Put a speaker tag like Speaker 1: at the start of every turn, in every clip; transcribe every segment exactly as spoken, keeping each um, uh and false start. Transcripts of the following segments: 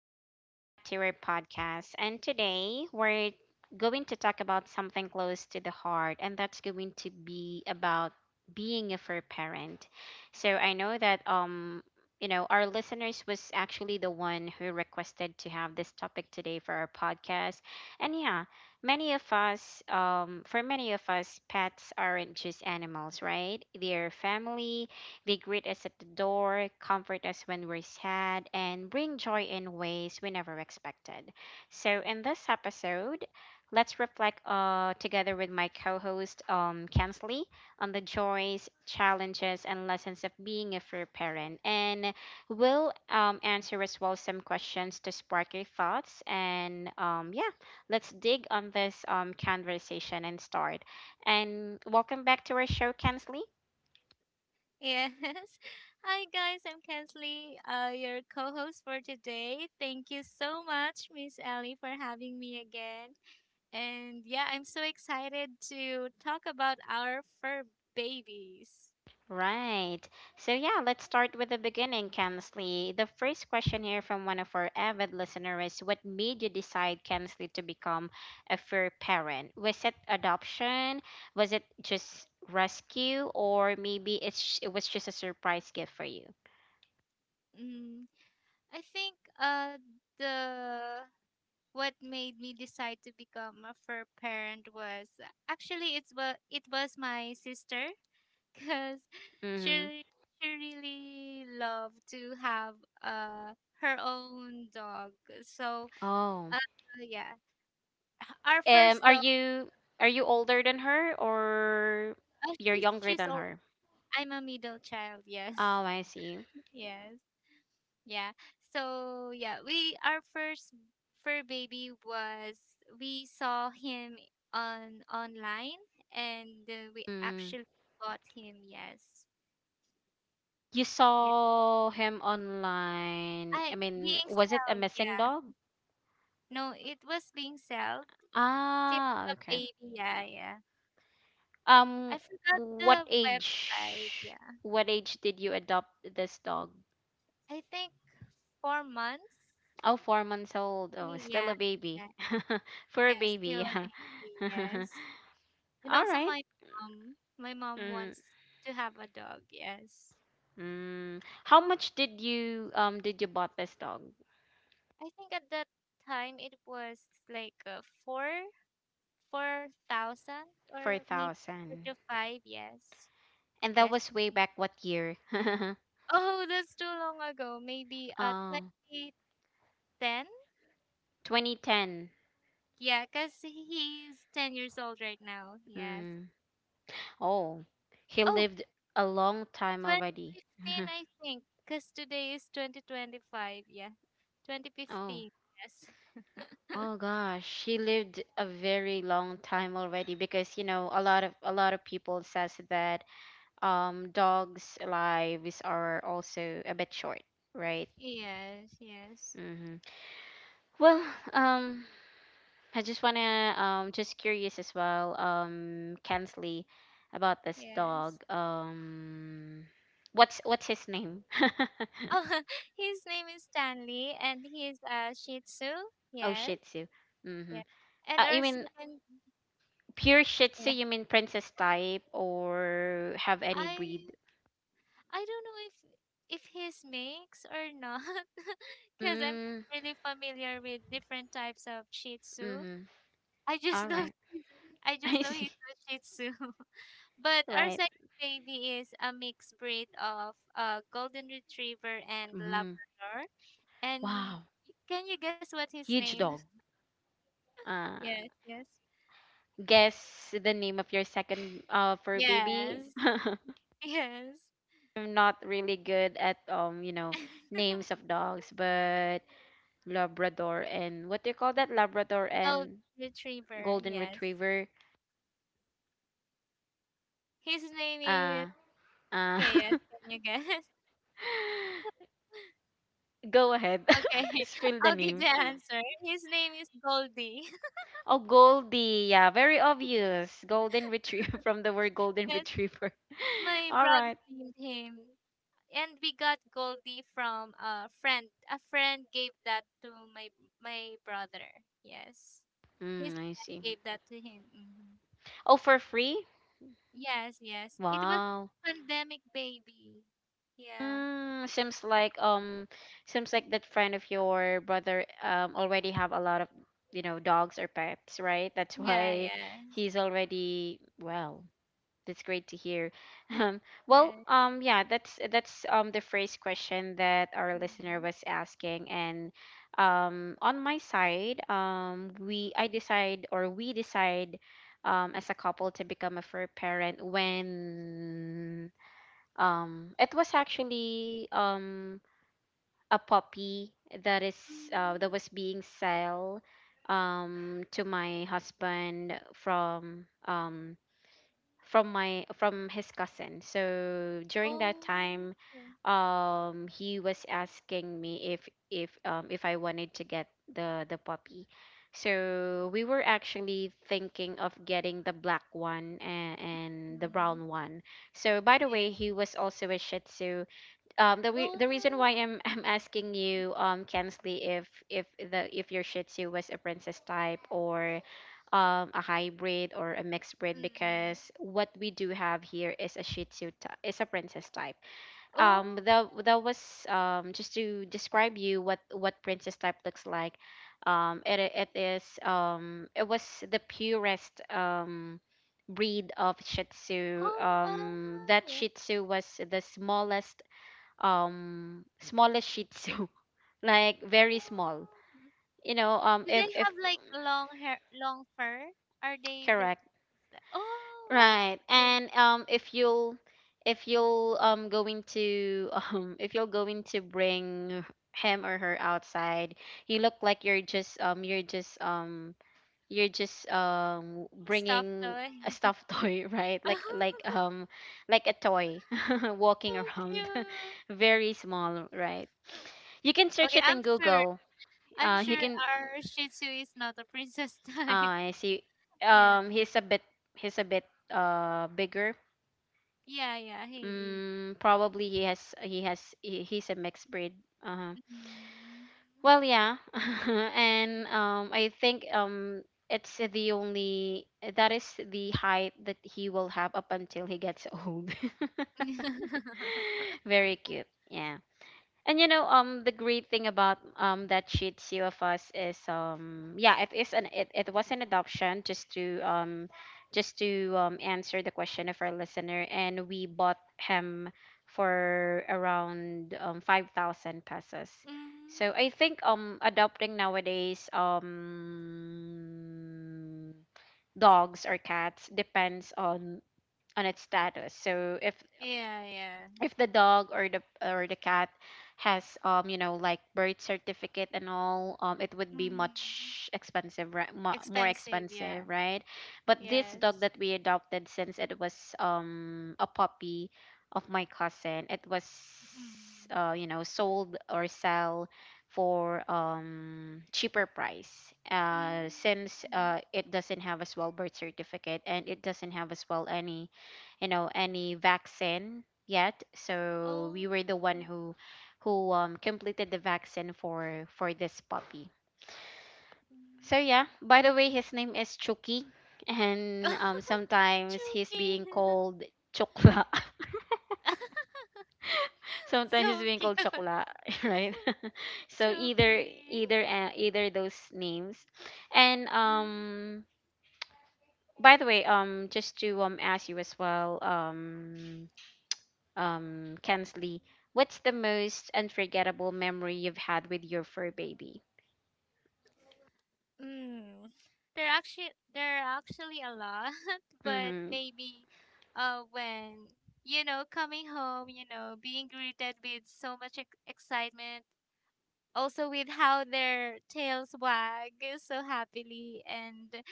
Speaker 1: and welcome back to our podcast. And today we're going to talk about something close to the heart, and that's going to be about being a fair parent. So I know that um you know our listeners was actually the one who requested to have this topic today for our podcast and yeah, many of us um, for many of us pets aren't just animals, right, they're family. They greet us at the door, comfort us when we're sad, and bring joy in ways we never expected. So, in this episode, let's reflect uh, together with my co host, um, Kensley, on the joys, challenges, and lessons of being a fair parent. And we'll um, answer as well some questions to spark your thoughts. And um, yeah, let's dig on this um, conversation and start. And welcome back to our show, Kensley.
Speaker 2: Yes. Hi, guys. I'm Kensley, uh, your co host for today. Thank you so much, Miss Ellie, for having me again. And yeah, I'm so excited to talk about our fur babies.
Speaker 1: Right. So, yeah, let's start with the beginning, Kensley. The first question here from one of our avid listeners is what made you decide, Kensley, to become a fur parent? Was it adoption? Was it just rescue? Or maybe it's, it was just a surprise gift for you?
Speaker 2: Mm, I think uh, the what made me decide to become a fur parent was actually it's what it was my sister because she
Speaker 1: Mm-hmm.
Speaker 2: re- she really loved to have uh her own dog. So uh
Speaker 1: Oh.
Speaker 2: yeah, our
Speaker 1: Um,
Speaker 2: first
Speaker 1: are
Speaker 2: dog.
Speaker 1: you are you older than her, or
Speaker 2: Uh, she's
Speaker 1: you're
Speaker 2: she's
Speaker 1: younger
Speaker 2: old.
Speaker 1: than her?
Speaker 2: I'm a middle child. Yes,
Speaker 1: Oh, I see.
Speaker 2: yes, yeah. So yeah, we our first fur baby was we saw him on online, and uh, we actually bought him. Yes,
Speaker 1: You
Speaker 2: yeah.
Speaker 1: saw him online.
Speaker 2: I
Speaker 1: I mean,
Speaker 2: being
Speaker 1: was it a
Speaker 2: sold.
Speaker 1: missing
Speaker 2: Yeah.
Speaker 1: dog?
Speaker 2: No, it was being sold. It's still
Speaker 1: Ah,
Speaker 2: a
Speaker 1: okay.
Speaker 2: baby. Yeah, yeah. I
Speaker 1: Um,
Speaker 2: forgot
Speaker 1: what
Speaker 2: the website.
Speaker 1: age?
Speaker 2: Yeah.
Speaker 1: What age did you adopt this dog?
Speaker 2: I think four months.
Speaker 1: Oh, four months old. Oh, still a
Speaker 2: Yeah,
Speaker 1: baby.
Speaker 2: yeah,
Speaker 1: For a
Speaker 2: yeah. Still
Speaker 1: baby,
Speaker 2: a
Speaker 1: yeah.
Speaker 2: baby. Yes. And
Speaker 1: All
Speaker 2: also
Speaker 1: right.
Speaker 2: my mom. My mom
Speaker 1: Mm,
Speaker 2: wants to have a dog. Yes.
Speaker 1: mm. How much did you um did you bought this dog?
Speaker 2: I think at that time it was like uh, four, four thousand, or
Speaker 1: Four
Speaker 2: maybe four
Speaker 1: thousand.
Speaker 2: to five. Yes.
Speaker 1: And that
Speaker 2: Yes.
Speaker 1: was way back what year?
Speaker 2: Oh, that's too long ago. Maybe uh,
Speaker 1: Oh,
Speaker 2: twenty ten.
Speaker 1: twenty ten.
Speaker 2: Yeah, because he's ten years old right now. Yes.
Speaker 1: Oh, he
Speaker 2: Oh,
Speaker 1: lived a long time
Speaker 2: twenty
Speaker 1: already.
Speaker 2: fifteen, I think. Because today is twenty twenty-five. Yeah.
Speaker 1: Oh,
Speaker 2: twenty fifteen. Yes.
Speaker 1: oh gosh, he lived a very long time already because you know a lot of a lot of people says that um dogs' lives are also a bit short, right?
Speaker 2: Yes, yes,
Speaker 1: Mm-hmm. Well, um, I just wanna um just curious as well um Kensley about this dog,
Speaker 2: yes.
Speaker 1: um what's what's his name?
Speaker 2: Oh, his name is Stanley, and he's a Shih Tzu.
Speaker 1: Oh, Shih
Speaker 2: Yes,
Speaker 1: Tzu. Mm-hmm.
Speaker 2: yeah. And
Speaker 1: Uh, I
Speaker 2: our
Speaker 1: mean,
Speaker 2: second,
Speaker 1: pure Shih Tzu,
Speaker 2: yeah.
Speaker 1: you mean princess type or have any breed?
Speaker 2: I I don't know if if he's mix or not, because I'm
Speaker 1: Mm,
Speaker 2: not really familiar with different types of Shih Tzu.
Speaker 1: mm-hmm.
Speaker 2: I
Speaker 1: All
Speaker 2: just know
Speaker 1: right.
Speaker 2: he's, I just
Speaker 1: I
Speaker 2: know
Speaker 1: see.
Speaker 2: he's a Shih Tzu. But our
Speaker 1: Right.
Speaker 2: second baby is a mixed breed of uh, Golden Retriever and
Speaker 1: Mm.
Speaker 2: Labrador. And
Speaker 1: Wow.
Speaker 2: can you guess what his
Speaker 1: Huge
Speaker 2: name?
Speaker 1: dog. Uh,
Speaker 2: Yes, yes,
Speaker 1: guess the name of your second uh fur baby.
Speaker 2: yes, yes.
Speaker 1: I'm not really good at, um, you know, names of dogs, but Labrador and what do you call that? Labrador
Speaker 2: Golden
Speaker 1: and
Speaker 2: Retriever.
Speaker 1: Golden
Speaker 2: Yes.
Speaker 1: Retriever.
Speaker 2: His name is.
Speaker 1: Uh, uh.
Speaker 2: Okay, yes. Can you guess?
Speaker 1: Go ahead.
Speaker 2: Okay,
Speaker 1: Spill
Speaker 2: I'll
Speaker 1: the
Speaker 2: give the
Speaker 1: name.
Speaker 2: answer. His name is Goldie.
Speaker 1: Oh, Goldie. Yeah, very obvious. Golden retriever, from the word golden
Speaker 2: Yes,
Speaker 1: retriever.
Speaker 2: my
Speaker 1: All
Speaker 2: brother
Speaker 1: right.
Speaker 2: named him. And we got Goldie from a friend. A friend gave that to my my brother. Yes, his
Speaker 1: Mm, I
Speaker 2: friend
Speaker 1: see.
Speaker 2: gave that to him. hmm
Speaker 1: Oh, for free?
Speaker 2: Yes, yes. It was
Speaker 1: Wow.
Speaker 2: pandemic baby. Yeah,
Speaker 1: Mm, seems like um seems like that friend of your brother um already have a lot of, you know, dogs or pets, right? That's
Speaker 2: yeah,
Speaker 1: why
Speaker 2: yes,
Speaker 1: he's already well, that's great to hear. Um, well,
Speaker 2: yes.
Speaker 1: um, yeah, that's that's um the first question that our listener
Speaker 2: Hmm.
Speaker 1: was asking, and um, on my side, um, we I decide or we decide um, as a couple to become a fur parent when um it was actually um a puppy that is, uh, that
Speaker 2: Mm.
Speaker 1: was being sold um to my husband from, um from my from his cousin. So during that
Speaker 2: Oh.
Speaker 1: time, um, he was asking me if if um if I wanted to get the the puppy. So we were actually thinking of getting the black one and, and the brown
Speaker 2: Mm.
Speaker 1: one. So by the way, he
Speaker 2: Yeah.
Speaker 1: was also a Shih Tzu, um the re- the reason why
Speaker 2: Oh.
Speaker 1: I'm I'm asking you, um Kensley, if if the if your Shih Tzu was a princess type, or um a hybrid or a mixed breed,
Speaker 2: Mm.
Speaker 1: because what we do have here is a Shih Tzu ty- is a princess type. Um
Speaker 2: Oh.
Speaker 1: that that was, um just to describe you what what princess type looks like. Um it it is um it was the purest um breed of Shih Tzu. Um, that
Speaker 2: Oh,
Speaker 1: Shih Tzu was the smallest um smallest shih tzu, like very small,
Speaker 2: wow.
Speaker 1: you know um
Speaker 2: Do they
Speaker 1: if if
Speaker 2: have like long hair, long fur? Are they the?
Speaker 1: correct,
Speaker 2: Oh,
Speaker 1: right,
Speaker 2: wow!
Speaker 1: and um if you'll if you'll um going to um if you're going to bring him or her outside, you look like you're just, um you're just um you're just um
Speaker 2: The stuffed
Speaker 1: bringing
Speaker 2: toy.
Speaker 1: a stuffed toy, right, like,
Speaker 2: Oh,
Speaker 1: like um like a toy
Speaker 2: so
Speaker 1: walking around,
Speaker 2: cute.
Speaker 1: very small, right, you can search
Speaker 2: Okay,
Speaker 1: it in
Speaker 2: I'm sure.
Speaker 1: google.
Speaker 2: I'm
Speaker 1: Uh you
Speaker 2: sure
Speaker 1: can
Speaker 2: our Shih Tzu is not a princess type.
Speaker 1: Ah, I see.
Speaker 2: Yeah,
Speaker 1: Um, he's a bit, he's a bit uh bigger.
Speaker 2: yeah, yeah. He is.
Speaker 1: Mm, probably he has, he has he, he's a mixed breed. Uh-huh.
Speaker 2: Mm.
Speaker 1: Well, yeah. And um I think, um it's the only, that is the height that he will have up until he gets old. Very cute. Yeah. And you know, um, the great thing about um that Shih Tzu of us is, um yeah, it is an it, it was an adoption, just to, um just to um answer the question of our listener, and we bought him for around um five thousand pesos.
Speaker 2: Mm.
Speaker 1: So I think um adopting nowadays, um dogs or cats depends on on its status. So if
Speaker 2: Yeah, yeah.
Speaker 1: if the dog or the or the cat has, um you know, like birth certificate and all, um it would be
Speaker 2: Mm.
Speaker 1: much expensive, right, mo- more
Speaker 2: Expensive. Yeah.
Speaker 1: expensive, right, but this dog
Speaker 2: Yes.
Speaker 1: that we adopted, since it was um a puppy of my cousin, it was
Speaker 2: Mm.
Speaker 1: uh you know, sold or sell for um cheaper price, uh
Speaker 2: Mm.
Speaker 1: since uh it doesn't have as well birth certificate, and it doesn't have as well any, you know, any vaccine yet, so we were the one
Speaker 2: Oh.
Speaker 1: who, who um completed the vaccine for for this puppy. So yeah,
Speaker 2: Mm.
Speaker 1: by the way, his name is Chucky, and um sometimes he's
Speaker 2: Chucky.
Speaker 1: being called chokla, sometimes he's
Speaker 2: So
Speaker 1: being
Speaker 2: cute.
Speaker 1: called chokla right. So either,
Speaker 2: Chucky.
Speaker 1: either uh, either those names, and um by the way, um just to um ask you as well, um um, Kensley, what's the most unforgettable memory you've had with your fur baby?
Speaker 2: Mm. Mm. There actually there are actually a lot, but
Speaker 1: Mm-hmm.
Speaker 2: maybe uh when you know coming home, you know, being greeted with so much ex- excitement, also with how their tails wag so happily, and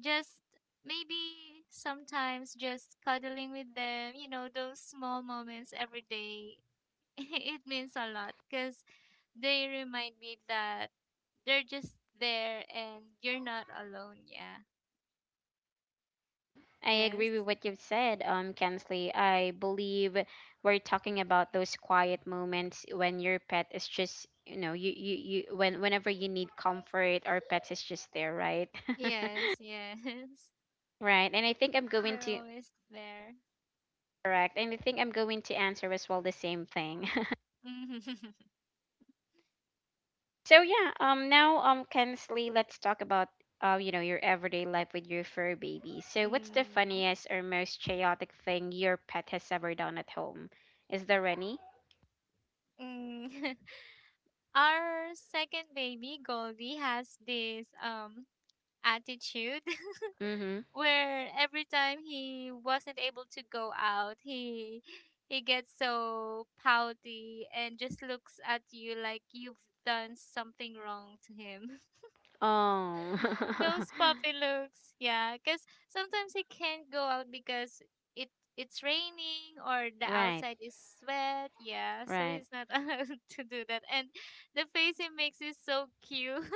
Speaker 2: just maybe sometimes just cuddling with them, you know, those small moments every day. It means a lot because they remind me that they're just there and you're not alone. Yeah.
Speaker 1: I agree
Speaker 2: Yes.
Speaker 1: with what you've said, um, Kensley. I believe we're talking about those quiet moments when your pet is just, you know, you, you, you, when whenever you need comfort, our pet is just there, right?
Speaker 2: Yes. Yes.
Speaker 1: right. And I think I'm going
Speaker 2: They're
Speaker 1: to
Speaker 2: always there.
Speaker 1: correct. And I think I'm going to answer as well the same thing. So yeah, um now, um Kensley, let's talk about, uh you know, your everyday life with your fur baby. So what's the
Speaker 2: Mm.
Speaker 1: funniest or most chaotic thing your pet has ever done at home? Is there any?
Speaker 2: Mm. Our second baby, Goldie, has this um attitude
Speaker 1: Mhm.
Speaker 2: where every time he wasn't able to go out, he he gets so pouty and just looks at you like you've done something wrong to him.
Speaker 1: Oh.
Speaker 2: Those puppy looks, yeah, because sometimes he can't go out because it it's raining or the
Speaker 1: right,
Speaker 2: outside is wet, yeah, so
Speaker 1: right.
Speaker 2: he's not allowed to do that. And the face he makes is so cute,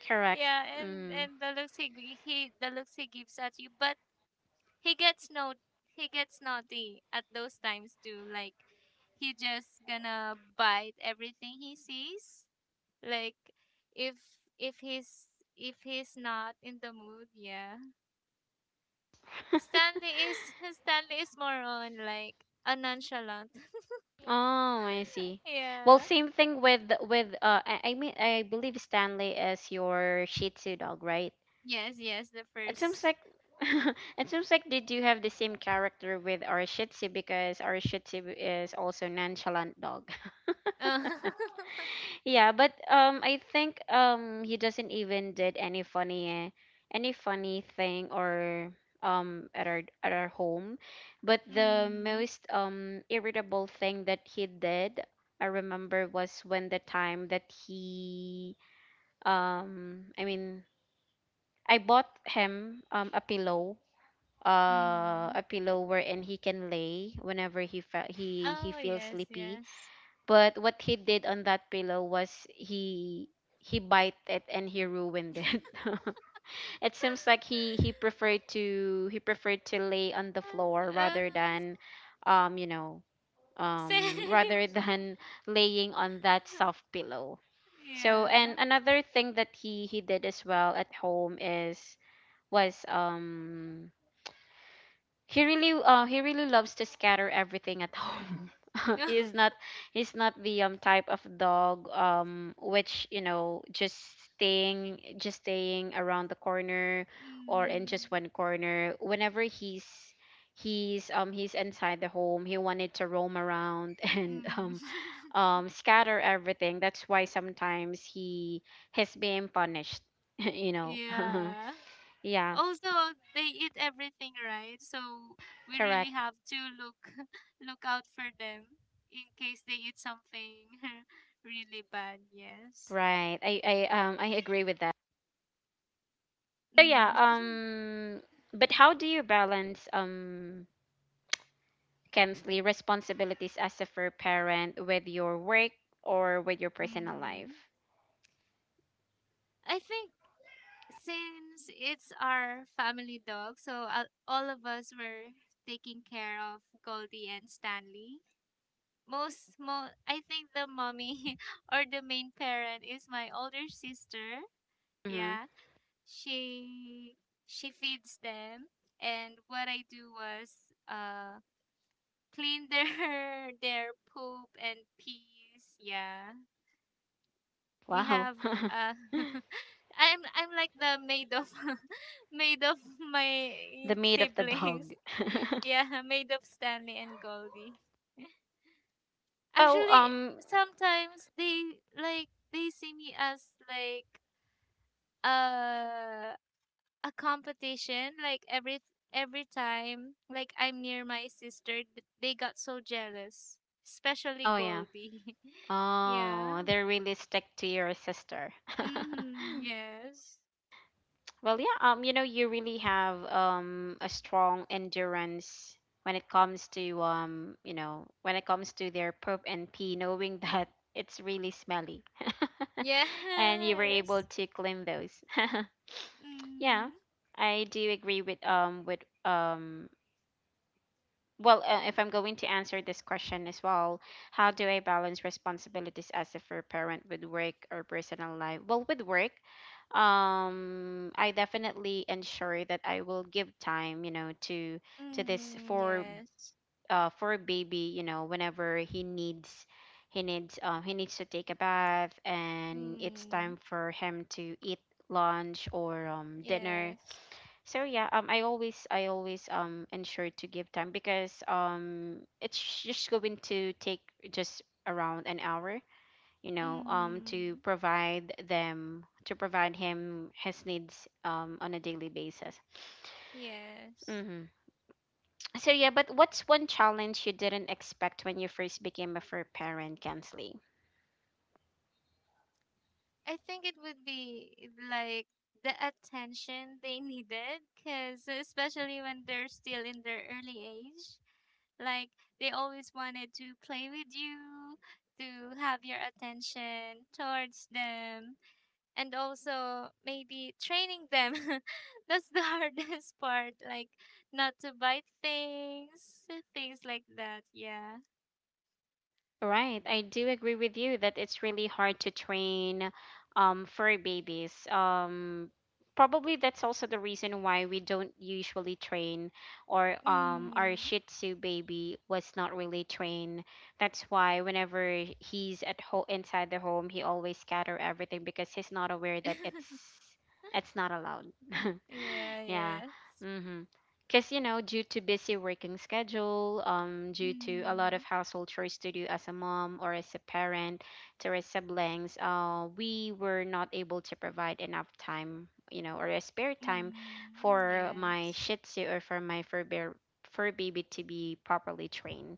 Speaker 1: Correct.
Speaker 2: yeah, and
Speaker 1: Mm.
Speaker 2: and the looks he g- he the looks he gives at you. But he gets no he gets naughty at those times too, like he just gonna bite everything he sees, like if if he's if he's not in the mood, yeah. Stanley is Stanley is more on like a nonchalant.
Speaker 1: Oh, I see. Well,
Speaker 2: Yeah.
Speaker 1: same thing with, with uh I, I mean, I believe Stanley is your Shih Tzu dog, right?
Speaker 2: Yes, yes, the
Speaker 1: It seems
Speaker 2: first.
Speaker 1: like, it seems like they do have the same character with our Shih Tzu, because our Shih Tzu is also nonchalant dog.
Speaker 2: uh,
Speaker 1: Yeah, but, um, I think, um, he doesn't even did any funny, any funny thing or um at our, at our home. But the
Speaker 2: mm,
Speaker 1: most um irritable thing that he did, I remember, was when the time that he, um, I mean, I bought him um a pillow, uh
Speaker 2: mm.
Speaker 1: a pillow wherein he can lay whenever he, fe- he he
Speaker 2: Oh,
Speaker 1: feels
Speaker 2: yes,
Speaker 1: sleepy,
Speaker 2: yes.
Speaker 1: but what he did on that pillow was he he bite it and he ruined it. It seems like he he preferred to, he preferred to lay on the floor
Speaker 2: uh,
Speaker 1: rather than, um you know, um
Speaker 2: same.
Speaker 1: rather than laying on that soft pillow. So,
Speaker 2: Yeah.
Speaker 1: and another thing that he he did as well at home is was um he really, uh he really loves to scatter everything at home. He's not, he's not the um type of dog, um which, you know, just staying, just staying around the corner, or in
Speaker 2: Mm,
Speaker 1: just one corner, whenever he's he's um he's inside the home. He wanted to roam around and
Speaker 2: mm.
Speaker 1: um um scatter everything, that's why sometimes he has been punished. you know
Speaker 2: Yeah.
Speaker 1: yeah,
Speaker 2: Also, they eat everything, right? So we really
Speaker 1: correct,
Speaker 2: have to look look out for them in case they eat something really bad. Yes.
Speaker 1: right, i i um i agree with that. So yeah,
Speaker 2: Mm,
Speaker 1: um but how do you balance, um Kensley, responsibilities as a fur parent with your work, or with your personal
Speaker 2: mm.
Speaker 1: life?
Speaker 2: I think since it's our family dog, so uh, all of us were taking care of Goldie and Stanley. Most mo I think the mommy or the main parent is my older sister.
Speaker 1: Hmm.
Speaker 2: Yeah. She she feeds them, and what I do was uh clean their their poop and peas. Yeah. We
Speaker 1: Wow.
Speaker 2: have uh I'm I'm like the maid of maid of my
Speaker 1: The meat of the
Speaker 2: siblings.
Speaker 1: dog.
Speaker 2: Yeah, maid of Stanley and Goldie.
Speaker 1: Well,
Speaker 2: Actually,
Speaker 1: um
Speaker 2: sometimes they like they see me as like uh, a competition. Like every every time, like I'm near my sister, th- they got so jealous, especially
Speaker 1: oh yeah.
Speaker 2: Goldie. Yeah.
Speaker 1: Oh, they really stick to your sister.
Speaker 2: Mm-hmm, yes.
Speaker 1: Well, yeah, um, you know, you really have um a strong endurance when it comes to, um, you know, when it comes to their poop and pee, knowing that it's really smelly, and you were able
Speaker 2: Yes.
Speaker 1: to clean those. yeah,
Speaker 2: Mm,
Speaker 1: I do agree with, um with um well, uh, if I'm going to answer this question as well, how do I balance responsibilities as a fair parent with work or personal life? Well, with work, um, I definitely ensure that I will give time, you know, to to this
Speaker 2: mm,
Speaker 1: for
Speaker 2: yes.
Speaker 1: uh for baby, you know, whenever he needs he needs um he needs to take a bath and it's
Speaker 2: Mm,
Speaker 1: time for him to eat lunch or um dinner.
Speaker 2: yes.
Speaker 1: So yeah, um, I always I always um ensure to give time because um it's just going to take just around an hour, you know, um
Speaker 2: Mm,
Speaker 1: to provide them to provide him his needs um on a daily basis.
Speaker 2: yes.
Speaker 1: Mm-hmm. So yeah, but what's one challenge you didn't expect when you first became a fur parent, Kensley?
Speaker 2: I think it would be like the attention they needed, because especially when they're still in their early age, like they always wanted to play with you, to have your attention towards them, and also maybe training them. That's the hardest part, like not to bite things, things like that. Yeah.
Speaker 1: Right. I do agree with you that it's really hard to train um, fur babies. Um, probably that's also the reason why we don't usually train, or um, our
Speaker 2: Mm.
Speaker 1: Shih Tzu baby was not really trained. That's why whenever he's at home inside the home, he always scatter everything because he's not aware that it's it's not allowed.
Speaker 2: Yeah.
Speaker 1: Yeah.
Speaker 2: Yes.
Speaker 1: Mhm. Cuz you know, due to busy working schedule, um due to a lot of
Speaker 2: Mm.
Speaker 1: household chores to do as a mom or as a parent to our siblings, uh we were not able to provide enough time, you know, or a spare time
Speaker 2: Mhm,
Speaker 1: for my
Speaker 2: yes.
Speaker 1: Shih Tzu or for my fur bear fur baby to be properly trained.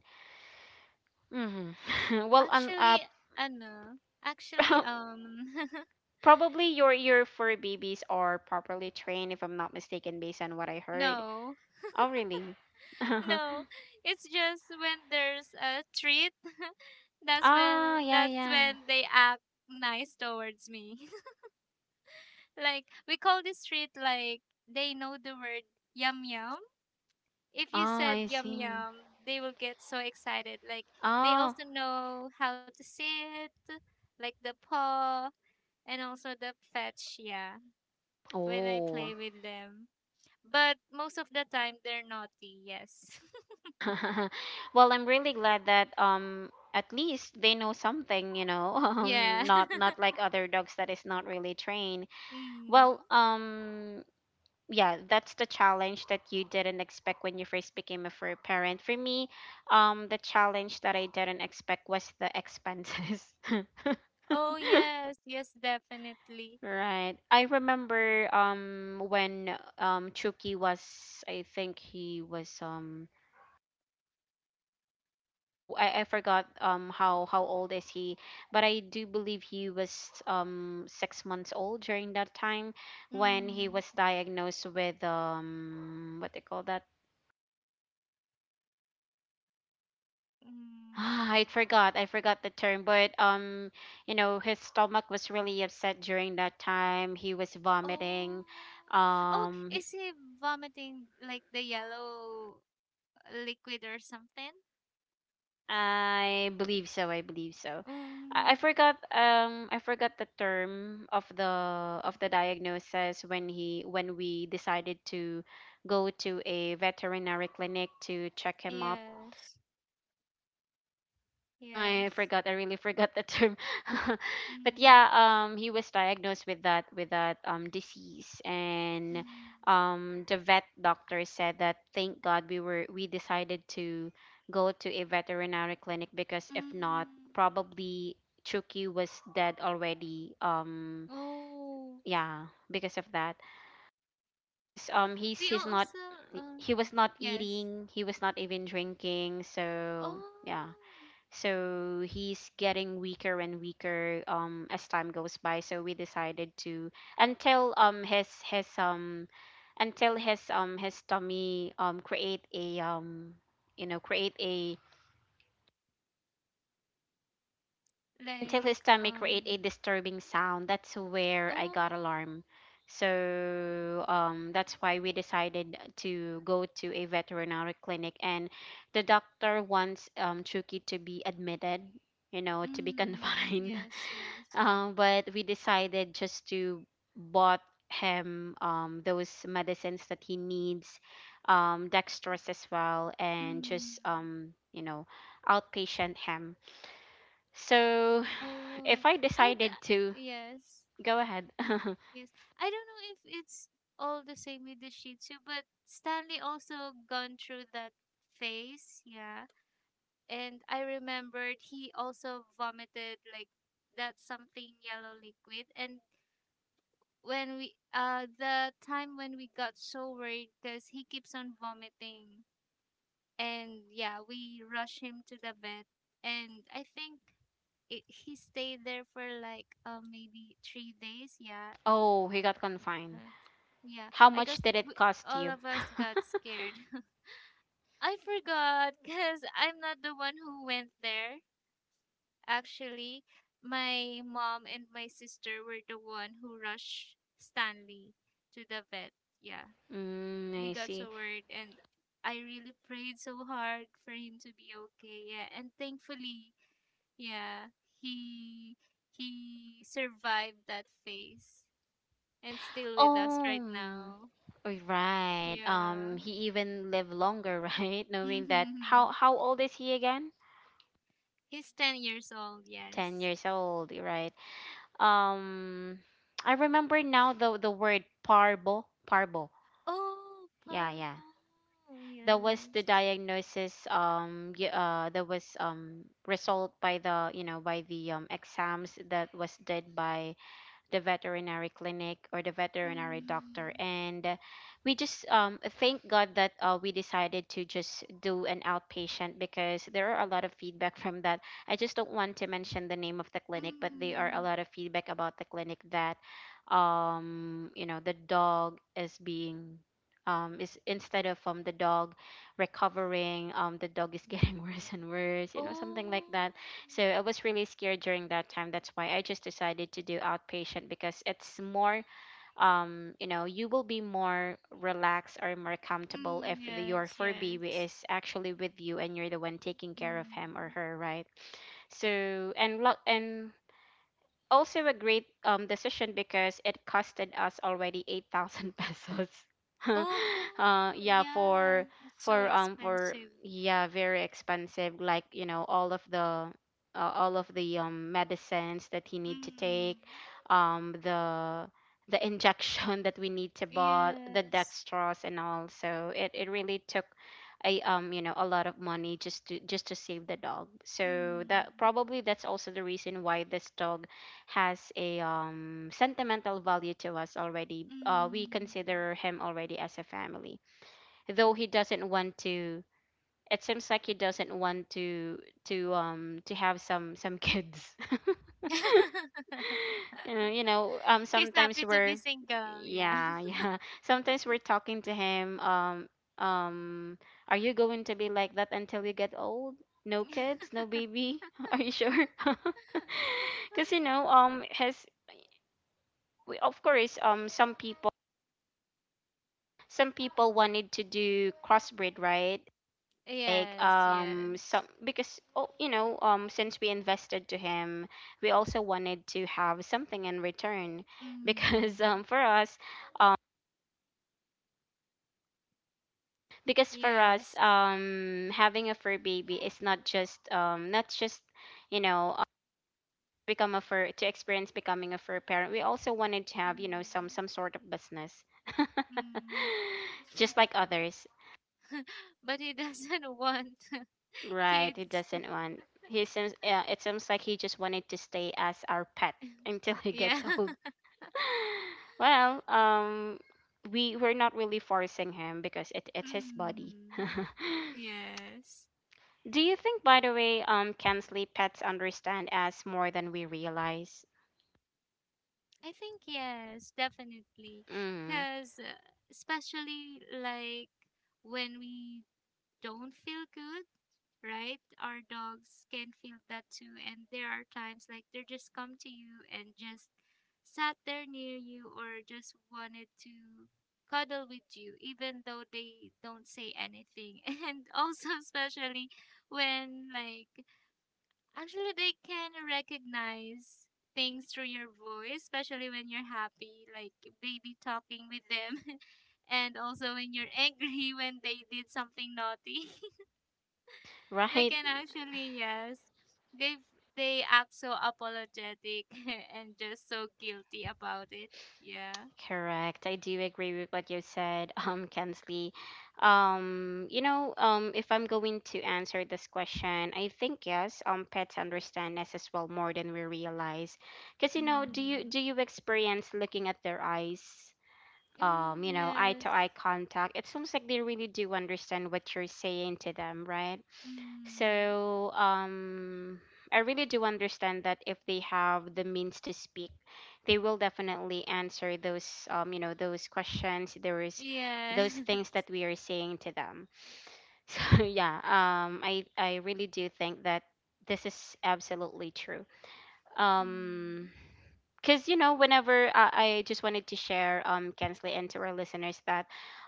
Speaker 1: Mhm. Well, um, uh
Speaker 2: Actually, ano, actually, um,
Speaker 1: probably your your fur babies are properly trained if I'm not mistaken based on what I heard.
Speaker 2: no,
Speaker 1: Oh, really?
Speaker 2: no. It's just when there's a treat, that's when
Speaker 1: Oh, yeah,
Speaker 2: that's
Speaker 1: yeah.
Speaker 2: when they act nice towards me. Like we call this treat, like they know the word yum yum. If you
Speaker 1: Oh, I
Speaker 2: said yum
Speaker 1: see.
Speaker 2: yum, they will get so excited. Like they
Speaker 1: Oh,
Speaker 2: also know how to sit, like the paw and also the fetch, yeah, when I
Speaker 1: oh.
Speaker 2: play with them. But most of the time, they're naughty, yes.
Speaker 1: Well, I'm really glad that um at least they know something, you know. Um,
Speaker 2: Yeah.
Speaker 1: not not like other dogs that is not really trained. Well,
Speaker 2: Mm.
Speaker 1: um yeah, that's the challenge that you didn't expect when you first became a fur parent. For me, um the challenge that I didn't expect was the expenses.
Speaker 2: Oh, yes, yes, definitely.
Speaker 1: Right. I remember um when um Chucky was. I think he was um w- I, I forgot um how how old is he, but I do believe he was um six months old during that time when he
Speaker 2: Mm.
Speaker 1: was diagnosed with um what they call that. I
Speaker 2: Mm.
Speaker 1: forgot. I forgot the term, but um, you know, his stomach was really upset during that time. He was vomiting.
Speaker 2: Oh. Oh,
Speaker 1: Um,
Speaker 2: is he vomiting like the yellow liquid or something?
Speaker 1: I believe so. I believe so. I,
Speaker 2: Mm.
Speaker 1: I forgot um I forgot the term of the of the diagnosis when he when we decided to go to a veterinary clinic to check him up.
Speaker 2: Yes,
Speaker 1: I
Speaker 2: yes.
Speaker 1: forgot. I really forgot the term. But
Speaker 2: Mm.
Speaker 1: yeah, um, he was diagnosed with that with that um disease, and
Speaker 2: Mm.
Speaker 1: um, the vet doctor said that thank God we were we decided to go to a veterinary clinic because if not,
Speaker 2: Mm.
Speaker 1: probably Chucky was dead already. Um,
Speaker 2: Oh.
Speaker 1: yeah, because of that, because um, he's
Speaker 2: We
Speaker 1: he's not
Speaker 2: also, uh,
Speaker 1: he was not
Speaker 2: yes.
Speaker 1: eating, he was not even drinking, so yeah.
Speaker 2: Oh,
Speaker 1: So he's getting weaker and weaker um as time goes by. So we decided to until um his his um until his um his tummy um create a um you know create a until
Speaker 2: like
Speaker 1: his tummy create a
Speaker 2: um
Speaker 1: disturbing sound. That's where I got
Speaker 2: oh,
Speaker 1: alarm. So um that's why we decided to go to a veterinary clinic and the doctor wants um Chucky to be admitted, you know, to be
Speaker 2: mm,
Speaker 1: confined.
Speaker 2: yes, yes.
Speaker 1: Um, but we decided just to bought him um those medicines that he needs, um, dextrose as well, and
Speaker 2: Mm.
Speaker 1: just um you know outpatient him. So if
Speaker 2: Oh,
Speaker 1: I
Speaker 2: I d
Speaker 1: decided to
Speaker 2: yes,
Speaker 1: go ahead,
Speaker 2: yes. I don't know if it's all the same with the Shih Tzu, but Stanley also gone through that phase, yeah. And I remembered he also vomited like that something yellow liquid, and when we uh the time when we got so worried because he keeps on vomiting, and yeah, we rushed him to the vet, and I think it, he stayed there for like uh, maybe three days. Yeah,
Speaker 1: oh, he got confined.
Speaker 2: uh, yeah.
Speaker 1: How
Speaker 2: I
Speaker 1: much
Speaker 2: guess
Speaker 1: did it
Speaker 2: w
Speaker 1: cost
Speaker 2: all
Speaker 1: you?
Speaker 2: of us got scared. I forgot because I'm not the one who went there. Actually, my mom and my sister were the one who rushed Stanley to the vet. Yeah,
Speaker 1: Mm,
Speaker 2: we
Speaker 1: I
Speaker 2: got
Speaker 1: see.
Speaker 2: so worried, and I really prayed so hard for him to be okay. Yeah, and thankfully, yeah, he he survived that phase and still with us right
Speaker 1: Oh.
Speaker 2: now.
Speaker 1: Oh, right.
Speaker 2: Yeah.
Speaker 1: Um, he even lived longer, right? Knowing that how
Speaker 2: Mm-hmm.
Speaker 1: how old is he again?
Speaker 2: He's ten years old,
Speaker 1: ten
Speaker 2: yes.
Speaker 1: years old, right? Um, I remember now the the word parbo, parbo.
Speaker 2: Oh,
Speaker 1: Yeah, yeah.
Speaker 2: Parvo.
Speaker 1: That was the
Speaker 2: Yes.
Speaker 1: diagnosis um y- uh that was um result by the, you know, by the um exams that was did by the veterinary clinic or the veterinary doctor
Speaker 2: Mm.
Speaker 1: and uh, we just um thank god that uh, we decided to just do an outpatient because there are a lot of feedback from that. I just don't want to mention the name of the clinic, but there are a
Speaker 2: Mm.
Speaker 1: lot of feedback about the clinic that um you know the dog is being um is instead of um the dog recovering um the dog is getting worse and worse, you know something like
Speaker 2: Oh.
Speaker 1: that. So I was really scared during that time. That's why I just decided to do outpatient because it's more, um, you know, you will be more relaxed or more comfortable
Speaker 2: Mm,
Speaker 1: if the, your
Speaker 2: yes,
Speaker 1: four B B
Speaker 2: yes.
Speaker 1: is actually with you and you're the one taking care of him or
Speaker 2: Mm.
Speaker 1: her, right? So and lo- and also a great um decision because it costed us already eight thousand pesos. Uh
Speaker 2: Oh,
Speaker 1: yeah,
Speaker 2: yeah.
Speaker 1: for
Speaker 2: It's so
Speaker 1: for um for
Speaker 2: expensive.
Speaker 1: yeah, very expensive, like you know all of the uh, all of the um medicines that he need to take
Speaker 2: Mm.
Speaker 1: um the the injection that we need to buy the
Speaker 2: Yes.
Speaker 1: dextrose and all, so it, it really took a um you know a lot of money just to just to save the dog, so that
Speaker 2: Mm.
Speaker 1: probably that's also the reason why this dog has a um, sentimental value to us already. Uh, we
Speaker 2: Mm.
Speaker 1: consider him already as a family, though he doesn't want to. It seems like he doesn't want to to um to have some some kids. you know, you know, um
Speaker 2: He's
Speaker 1: sometimes
Speaker 2: happy to be
Speaker 1: we're,
Speaker 2: single, yeah.
Speaker 1: yeah, yeah, sometimes we're talking to him um um are you going to be like that until you get old? No kids, no baby. Are you sure? Because you know um his we- of course um some people some people wanted to do crossbreed, right? Like
Speaker 2: Yes,
Speaker 1: um
Speaker 2: yes.
Speaker 1: some, because oh, you know um since we invested to him, we also wanted to have something in return, because
Speaker 2: Mm.
Speaker 1: um for us um because for us
Speaker 2: Yes.
Speaker 1: um having a fur baby is not just um not just you know uh, become a fur to experience becoming a fur parent. We also wanted to have, you know some
Speaker 2: Mm.
Speaker 1: some sort of business.
Speaker 2: Mm.
Speaker 1: Just like others.
Speaker 2: But he doesn't want
Speaker 1: Right, he
Speaker 2: kids.
Speaker 1: doesn't want. He seems. Yeah, it seems like he just wanted to stay as our pet until he
Speaker 2: Yeah.
Speaker 1: gets old. Well, um, we we're not really forcing him because it it's his body.
Speaker 2: Mm. Yes.
Speaker 1: Do you think, by the way, um, can sleep pets understand us more than we realize?
Speaker 2: I think yes, definitely.
Speaker 1: Mm,
Speaker 2: Because especially like when we don't feel good, right? Our dogs can feel that too. And there are times like they just come to you and just sat there near you, or just wanted to cuddle with you, even though they don't say anything. And also, especially when like actually they can recognize things through your voice, especially when you're happy, like baby talking with them. And also when you're angry when they did something naughty, they
Speaker 1: right.
Speaker 2: can actually yes they they act so apologetic and just so guilty about it, yeah.
Speaker 1: Correct. I do agree with what you said, um, Kensley. Um, you know, um, if I'm going to answer this question, I think yes, um, pets understand us as well more than we realize. Because, you know, do you
Speaker 2: Mm.
Speaker 1: do you experience looking at their eyes? Um,
Speaker 2: Mm,
Speaker 1: you know, eye
Speaker 2: yes.
Speaker 1: to eye contact. It seems like they really do understand what you're saying to them, right?
Speaker 2: Mm.
Speaker 1: So um, I really do understand that if they have the means to speak, they will definitely answer those um, you know those questions. There is
Speaker 2: Yes.
Speaker 1: those things that we are saying to them. So yeah, um, I I really do think that this is absolutely true. Um,
Speaker 2: Mm.
Speaker 1: because you know whenever uh, I just wanted to share um Kensley and to our listeners that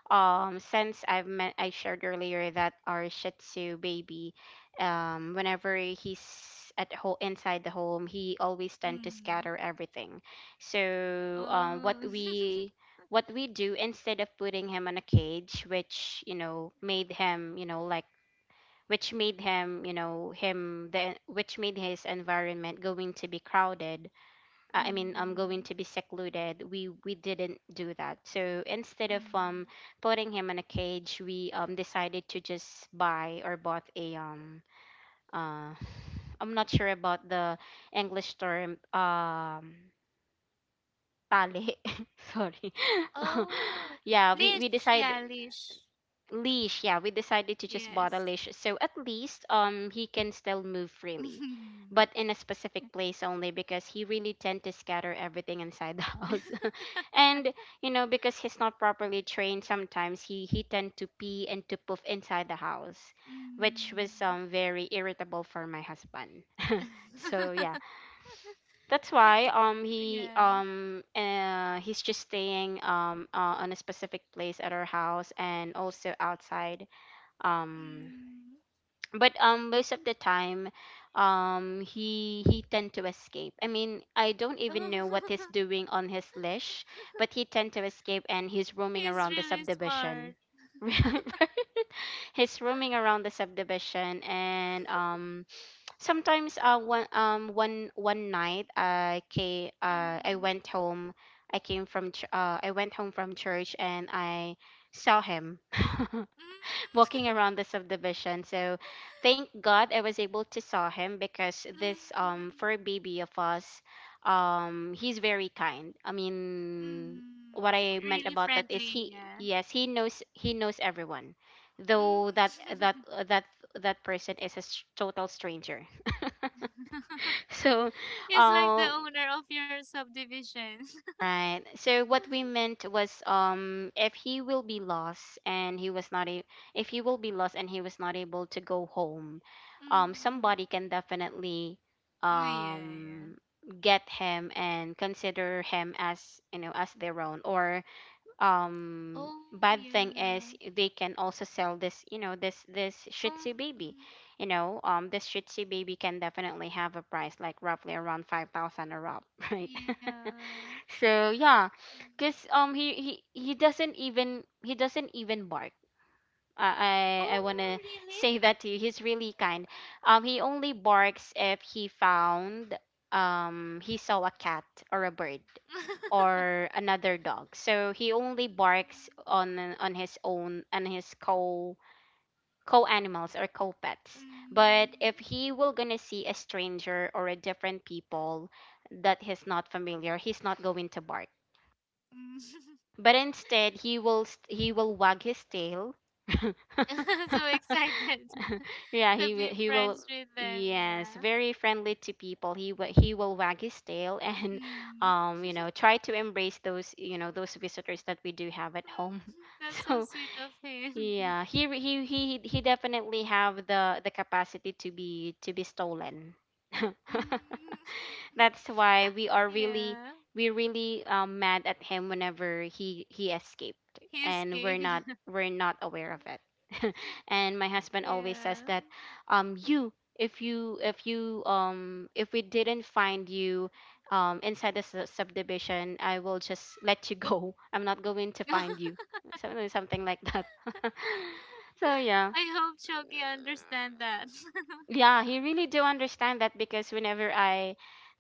Speaker 1: um since I've met I shared earlier that our Shih Tzu baby um whenever he's at home inside the home, he always tend to
Speaker 2: Mm.
Speaker 1: scatter everything. So um what
Speaker 2: Oh.
Speaker 1: we what we do instead of putting him on a cage, which you know made him, you know like which made him you know him the which made his environment going to be crowded— uh, I mean, I'm
Speaker 2: Mm.
Speaker 1: going to be secluded. We we didn't do that. So instead of um
Speaker 2: Mm.
Speaker 1: putting him in a cage, we um decided to just buy or bought a um uh I'm not sure about the English term, um tali. Sorry.
Speaker 2: Oh.
Speaker 1: Yeah, we we
Speaker 2: Leash,
Speaker 1: decided—
Speaker 2: yeah, leash.
Speaker 1: leash, yeah, we decided to just bought a
Speaker 2: Yes.
Speaker 1: leash, so at least um he can still move freely,
Speaker 2: Mm.
Speaker 1: but in a specific place only because he really tend to scatter everything inside the house. And you know because he's not properly trained, sometimes he he tend to pee and to poof inside the house, which was
Speaker 2: Mm.
Speaker 1: um very irritable for my husband, so yeah, that's
Speaker 2: I
Speaker 1: why
Speaker 2: think
Speaker 1: um he
Speaker 2: yeah.
Speaker 1: um uh, he's just staying um uh, on a specific place at our house and also outside. um
Speaker 2: Mm.
Speaker 1: but um most of the time, um he he tend to escape. I mean, I don't even know what he's
Speaker 2: Oh.
Speaker 1: doing on his leash, but he tend to escape and he's roaming
Speaker 2: He's
Speaker 1: around the
Speaker 2: really
Speaker 1: subdivision.
Speaker 2: smart.
Speaker 1: Right, right. He's roaming around the subdivision, and um sometimes uh one um one one night, i ca- uh I
Speaker 2: Mm,
Speaker 1: went home, i came from ch- uh I went home from church, and I saw him
Speaker 2: mm,
Speaker 1: walking around the subdivision. So thank God I was able to saw him because this um
Speaker 2: mm,
Speaker 1: fur baby of us, um, he's very kind. I mean,
Speaker 2: mm.
Speaker 1: what
Speaker 2: F-
Speaker 1: I
Speaker 2: Really
Speaker 1: meant about that is
Speaker 2: friendly,
Speaker 1: he
Speaker 2: yeah.
Speaker 1: yes he knows he knows everyone, though that that
Speaker 2: Mm.
Speaker 1: that that person is a s- total stranger. So,
Speaker 2: He's like the
Speaker 1: um,
Speaker 2: owner of your subdivision.
Speaker 1: Right. So what we meant was, um if he will be lost and he was not a if he will be lost and he was not able to go home, um
Speaker 2: Mm.
Speaker 1: somebody can definitely
Speaker 2: Oh, yeah, yeah.
Speaker 1: um get him and consider him as you know as their own, or, um
Speaker 2: Oh,
Speaker 1: bad thing
Speaker 2: yeah.
Speaker 1: is they can also sell this, you know this this Shih Tzu baby.
Speaker 2: Um,
Speaker 1: you know um this Shih Tzu baby can definitely have a price like roughly around five thousand or up. Right.
Speaker 2: yeah.
Speaker 1: So yeah,
Speaker 2: Mm.
Speaker 1: 'cause, um he he he doesn't even he doesn't even bark. I I, I
Speaker 2: Oh,
Speaker 1: wanna
Speaker 2: really?
Speaker 1: say that to you. He's really kind. Um, he only barks if he found um he saw a cat or a bird or another dog. So he only barks on on his own and his co co animals or co pets.
Speaker 2: Mm,
Speaker 1: But if he will gonna see a stranger or a different people that he's not familiar, he's not going to bark.
Speaker 2: mm,
Speaker 1: But instead, he will st- he will wag his tail.
Speaker 2: mm. So excited
Speaker 1: Yeah, he
Speaker 2: to
Speaker 1: will
Speaker 2: be
Speaker 1: he will
Speaker 2: friends with them,
Speaker 1: yes,
Speaker 2: yeah.
Speaker 1: very friendly to people. He will he will wag his tail and
Speaker 2: Mm.
Speaker 1: um you know try to embrace those, you know those visitors that we do have at home.
Speaker 2: Mm, that's so
Speaker 1: So
Speaker 2: sweet of him.
Speaker 1: yeah, he re- he he he definitely have the the capacity to be to be stolen.
Speaker 2: Mm.
Speaker 1: That's why
Speaker 2: Ah,
Speaker 1: we are really
Speaker 2: yeah,
Speaker 1: we really, um, mad at him whenever he he escaped,
Speaker 2: he's
Speaker 1: and we're
Speaker 2: escaped.
Speaker 1: not
Speaker 2: Yeah.
Speaker 1: we're not aware of it. And my husband always says
Speaker 2: Yeah.
Speaker 1: that, um you if you if you, um if we didn't find you, um inside the su- subdivision, I will just let you go. I'm not going to find you, something something like that. So yeah.
Speaker 2: I hope Choki understand that.
Speaker 1: Yeah, he really do understand that, because whenever I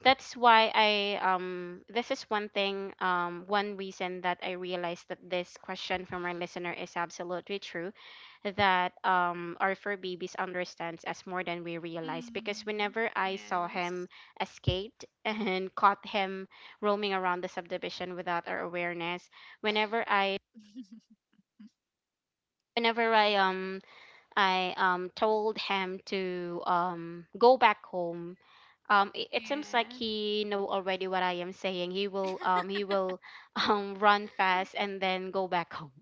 Speaker 1: that's why I um this is one thing, um one reason that I realized that this question from our listener is absolutely true, that, um our fur babies understands us more than we realize, because
Speaker 2: Mm.
Speaker 1: whenever I saw him
Speaker 2: Yes.
Speaker 1: escaped and caught him roaming around the subdivision without our awareness. Whenever i whenever I um I, um, told him to, um, go back home. Um, it, it seems like
Speaker 2: Yeah.
Speaker 1: he know already what I am saying. He will um, he will um, run fast and then go back home.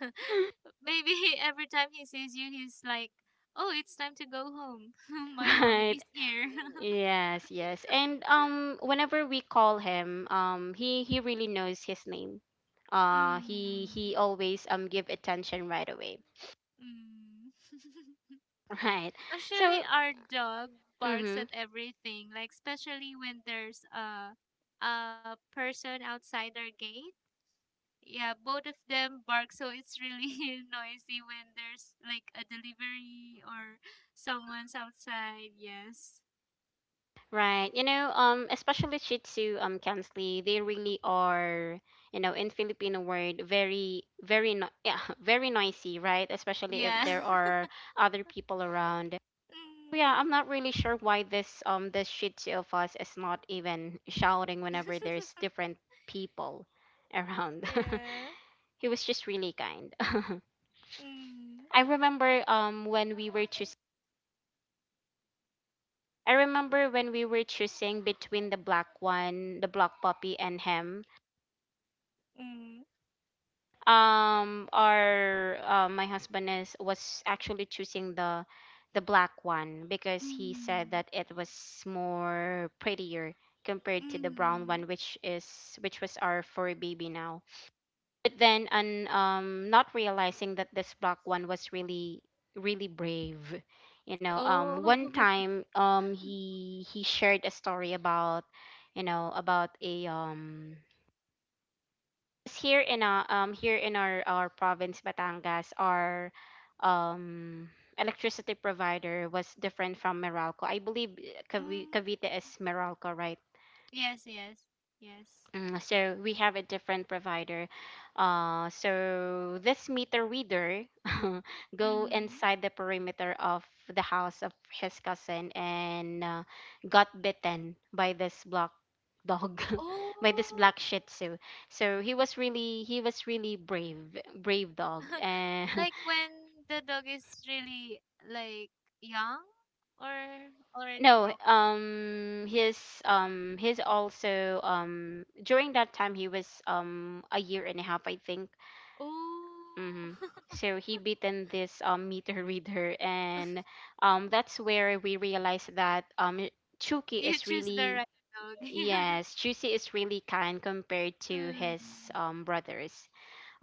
Speaker 2: Maybe he, every time he sees you, he's like, "Oh, it's time to go home. My mommy
Speaker 1: Right.
Speaker 2: is here."
Speaker 1: Yes, yes. And, um whenever we call him, um he he really knows his name. Uh he
Speaker 2: Mm.
Speaker 1: he always um give attention right away.
Speaker 2: Mm.
Speaker 1: Right. So,
Speaker 2: Actually, our dog barks
Speaker 1: mhm.
Speaker 2: at everything, like especially when there's a a person outside our gate. Yeah, both of them bark, so it's really noisy when there's like a delivery or someone's outside. Yes.
Speaker 1: Right. You know, um, especially Shih Tzu, um, Kansley, they really are, you know, in Filipino word, very, very, no- yeah, very noisy, right? Especially if
Speaker 2: Yeah.
Speaker 1: there are other people around. Yeah,
Speaker 2: Mm.
Speaker 1: I'm not really sure why this, um, this Shih Tzu of us is not even shouting whenever there's different people around.
Speaker 2: Yeah.
Speaker 1: He was just really kind.
Speaker 2: Mm.
Speaker 1: I remember, um, when we were choosing, I remember when we were choosing between the black one, the black puppy, and him.
Speaker 2: Mm.
Speaker 1: Um our uh, my husband is was actually choosing the the black one, because he said
Speaker 2: Mm.
Speaker 1: that it was more prettier compared to the brown one,
Speaker 2: Mm.
Speaker 1: which is which was our furry baby now. But then, and um not realizing that this black one was really, really brave. You know, um one
Speaker 2: Oh.
Speaker 1: time, um he he shared a story about, you know about a, um s- here in, uh, um here in our our province, Batangas. Our, um electricity provider was different from Meralco. I believe, uh, Cavi-
Speaker 2: Mm.
Speaker 1: Cavite is Meralco, right?
Speaker 2: Yes, yes, yes.
Speaker 1: Mm, so we have a different provider. Uh, so this meter reader go
Speaker 2: Mm.
Speaker 1: inside the perimeter of the house of his cousin and, uh, got bitten by this black dog, by this
Speaker 2: Oh,
Speaker 1: black Shih Tzu. So he was really he was really brave, brave dog. And
Speaker 2: like when the dog is really like young or already
Speaker 1: no,
Speaker 2: grown.
Speaker 1: um, his um, his also, um during that time he was, um a year and a half, I think.
Speaker 2: Oh,
Speaker 1: Mm-hmm. So he beaten this, um, meter reader, and, um, that's where we realized that, um, Chuki
Speaker 2: you
Speaker 1: is
Speaker 2: choose the
Speaker 1: really
Speaker 2: right dog.
Speaker 1: yes, Chusi is really kind compared to
Speaker 2: Um,
Speaker 1: his, um, brothers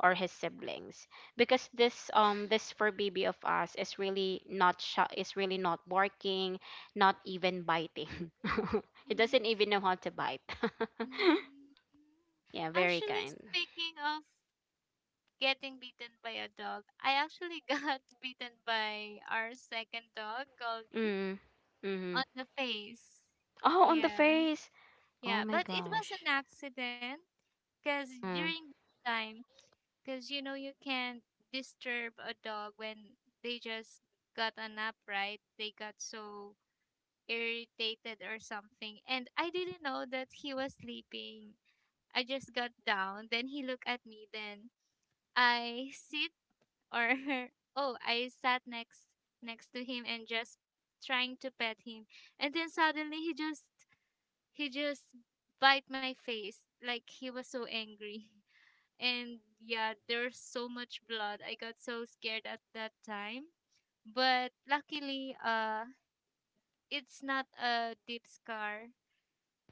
Speaker 1: or his siblings, because this um this fur baby of us is really not sh- is really not barking, not even biting. He doesn't
Speaker 2: mm,
Speaker 1: even know how to bite.
Speaker 2: mm.
Speaker 1: Yeah, very
Speaker 2: Actually,
Speaker 1: kind.
Speaker 2: speaking of getting beaten by a dog, I actually got beaten by our second dog, Goldie,
Speaker 1: Mm.
Speaker 2: on
Speaker 1: Mm-hmm.
Speaker 2: the face.
Speaker 1: Oh, on the
Speaker 2: Yeah.
Speaker 1: face. Oh
Speaker 2: Yeah,
Speaker 1: my
Speaker 2: but it was an
Speaker 1: gosh.
Speaker 2: accident because
Speaker 1: Mm.
Speaker 2: during the time because you know, you can't disturb a dog when they just got a nap, right? They got so irritated or something. And I didn't know that he was sleeping. I just got down, then he looked at me, then I sit or oh, I sat next next to him and just trying to pet him. And then suddenly he just he just bite my face like he was so angry. And yeah, there's so much blood. I got so scared at that time. But luckily, uh, it's not a deep scar.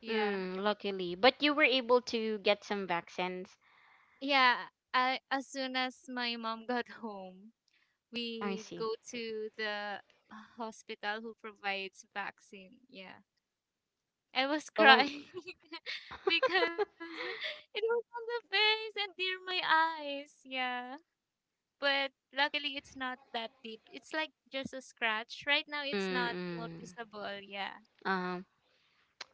Speaker 2: Yeah.
Speaker 1: Mm, luckily. But you were able to get some vaccines.
Speaker 2: Yeah. I, as soon as my mom got home,
Speaker 1: I
Speaker 2: we go
Speaker 1: see.
Speaker 2: to the hospital who provides vaccine. Yeah. I was
Speaker 1: Well, um,
Speaker 2: crying because it was on the face and near my eyes. Yeah. But luckily it's not that deep. It's like just a scratch. Right now it's
Speaker 1: mm,
Speaker 2: not
Speaker 1: mm.
Speaker 2: noticeable. Yeah.
Speaker 1: Um,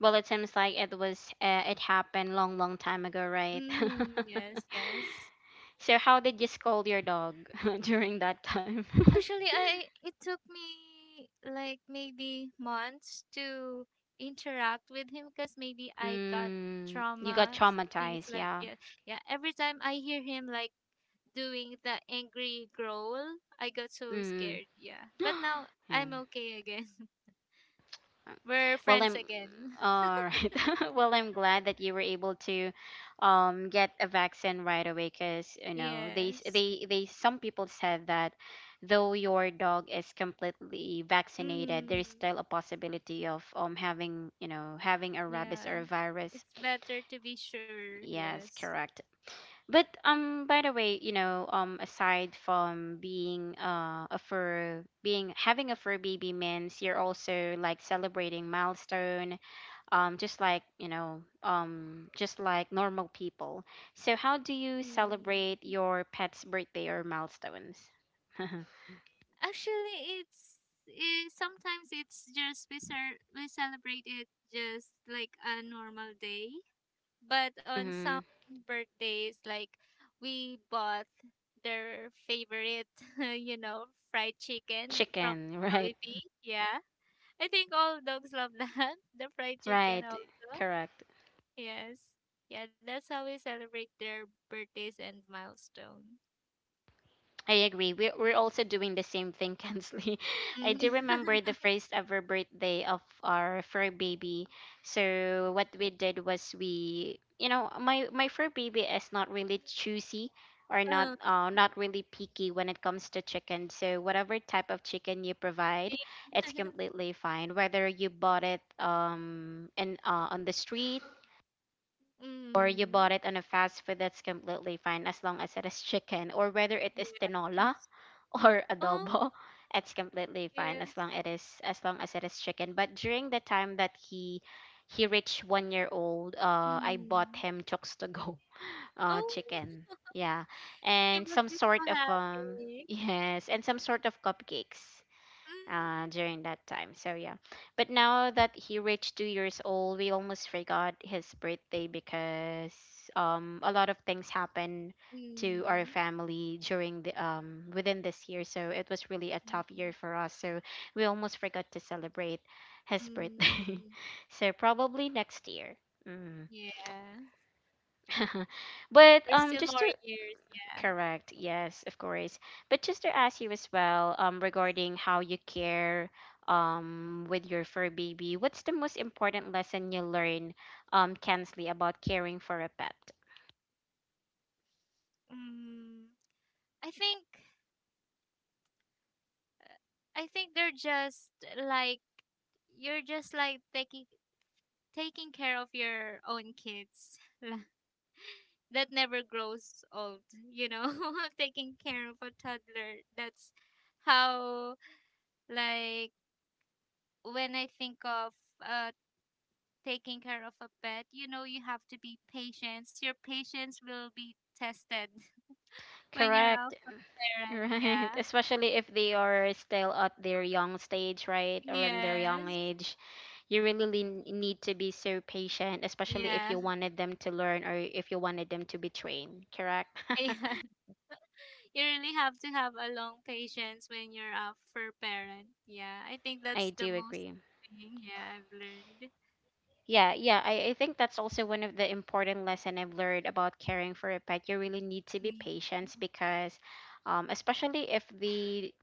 Speaker 1: well, it seems like it was uh, it happened long, long time ago, right?
Speaker 2: Mm-hmm. Yes, yes.
Speaker 1: So how did you scold your dog during that time?
Speaker 2: Actually, I it took me like maybe months to interact with him because maybe I got
Speaker 1: Mm, you got
Speaker 2: traumas, things
Speaker 1: traumatized,
Speaker 2: like
Speaker 1: yeah.
Speaker 2: yeah, yeah. Every time I hear him like doing the angry growl, I got so
Speaker 1: Mm.
Speaker 2: scared. Yeah, but now
Speaker 1: Yeah.
Speaker 2: I'm okay again.
Speaker 1: Uh,
Speaker 2: We're
Speaker 1: Well,
Speaker 2: friends
Speaker 1: I'm
Speaker 2: again.
Speaker 1: all right. Well, I'm glad that you were able to, um, get a vaccine right away, because, you know they s-
Speaker 2: Yes.
Speaker 1: they they some people said that, though your dog is completely vaccinated, there
Speaker 2: Mm,
Speaker 1: is still a possibility of, um having, you know having a
Speaker 2: yeah.
Speaker 1: rabies or a virus.
Speaker 2: It's better to be sure,
Speaker 1: Yes,
Speaker 2: yes.
Speaker 1: correct. But, um, by the way, you know, um, aside from being uh a fur being having a fur baby means you're also like celebrating milestone, um, just like, you know, um, just like normal people. So, how do you celebrate
Speaker 2: Mm.
Speaker 1: your pet's birthday or milestones?
Speaker 2: Actually, it's it, sometimes it's just we cer- we celebrate it just like a normal day, but on some
Speaker 1: Hmm.
Speaker 2: birthdays, like we bought their favorite, you know, fried chicken from
Speaker 1: Chicken, right?
Speaker 2: Jollibee. Yeah, I think all dogs love that the fried chicken
Speaker 1: Right,
Speaker 2: also.
Speaker 1: correct.
Speaker 2: Yes. Yeah, that's how we celebrate their birthdays and milestone.
Speaker 1: I agree. We're, we're also doing the same thing, Kensley. I
Speaker 2: Mm.
Speaker 1: do remember the first ever birthday of our fur baby. So what we did was, we, you know, my my fur baby is not really choosy or, not
Speaker 2: Um,
Speaker 1: uh, not really picky when it comes to chicken. So whatever type of chicken you provide,
Speaker 2: yeah.
Speaker 1: it's completely fine. Whether you bought it, um in uh, on the street, or you bought
Speaker 2: Mm.
Speaker 1: it on a fast food, that's completely fine as long as it is chicken, or whether it is tinola
Speaker 2: Yes.
Speaker 1: or
Speaker 2: Oh,
Speaker 1: adobo. It's completely fine as
Speaker 2: yes.
Speaker 1: long it is as long as it is chicken. But during the time that he he reached one year old, uh, I bought
Speaker 2: Mm.
Speaker 1: him chokes to go, uh,
Speaker 2: Oh,
Speaker 1: chicken. Yeah,
Speaker 2: he
Speaker 1: and
Speaker 2: must
Speaker 1: some
Speaker 2: be
Speaker 1: sort of,
Speaker 2: so
Speaker 1: um
Speaker 2: happy.
Speaker 1: yes, and some sort of cupcakes, uh,
Speaker 2: Mm.
Speaker 1: during that time. So yeah, but now that he reached two years old, we almost forgot his birthday, because, um a lot of things happened to our
Speaker 2: Mm.
Speaker 1: family during the um within this year. So it was really a tough year for us. So we almost forgot to celebrate his
Speaker 2: Mm.
Speaker 1: birthday.
Speaker 2: Mm.
Speaker 1: So probably next year. Mm.
Speaker 2: Yeah.
Speaker 1: but
Speaker 2: There's
Speaker 1: um
Speaker 2: still
Speaker 1: just
Speaker 2: more
Speaker 1: to
Speaker 2: years, yeah.
Speaker 1: Correct. Yes, of course. But just to ask you as well, um, regarding how you care, um, with your fur baby, what's the most important lesson you learn, um, Kensley, about caring for a pet?
Speaker 2: Mm. I think uh, I think they're just like you're just like taking taking care of your own kids, la- that never grows old, you know, taking care of a toddler. That's how, like, when I think of uh taking care of a pet, you know, you have to be patient. Your patience will be tested when you're
Speaker 1: Correct.
Speaker 2: a parent.
Speaker 1: Right.
Speaker 2: Yeah.
Speaker 1: Especially if they are still at their young stage, right? Or in their young
Speaker 2: Yes.
Speaker 1: age. You really lin- need to be so patient, especially if
Speaker 2: Yeah.
Speaker 1: you wanted them to learn or if you wanted them to be trained. Correct?
Speaker 2: Yeah, you really have to have a long patience when you're a fur parent. Yeah, I think
Speaker 1: I
Speaker 2: that's the
Speaker 1: do
Speaker 2: most
Speaker 1: agree.
Speaker 2: thing. Yeah, I've learned.
Speaker 1: Yeah, yeah. I, I think that's also one of the important lesson I've learned about caring for a pet. You really need to be
Speaker 2: Mm.
Speaker 1: patient, because, um especially if the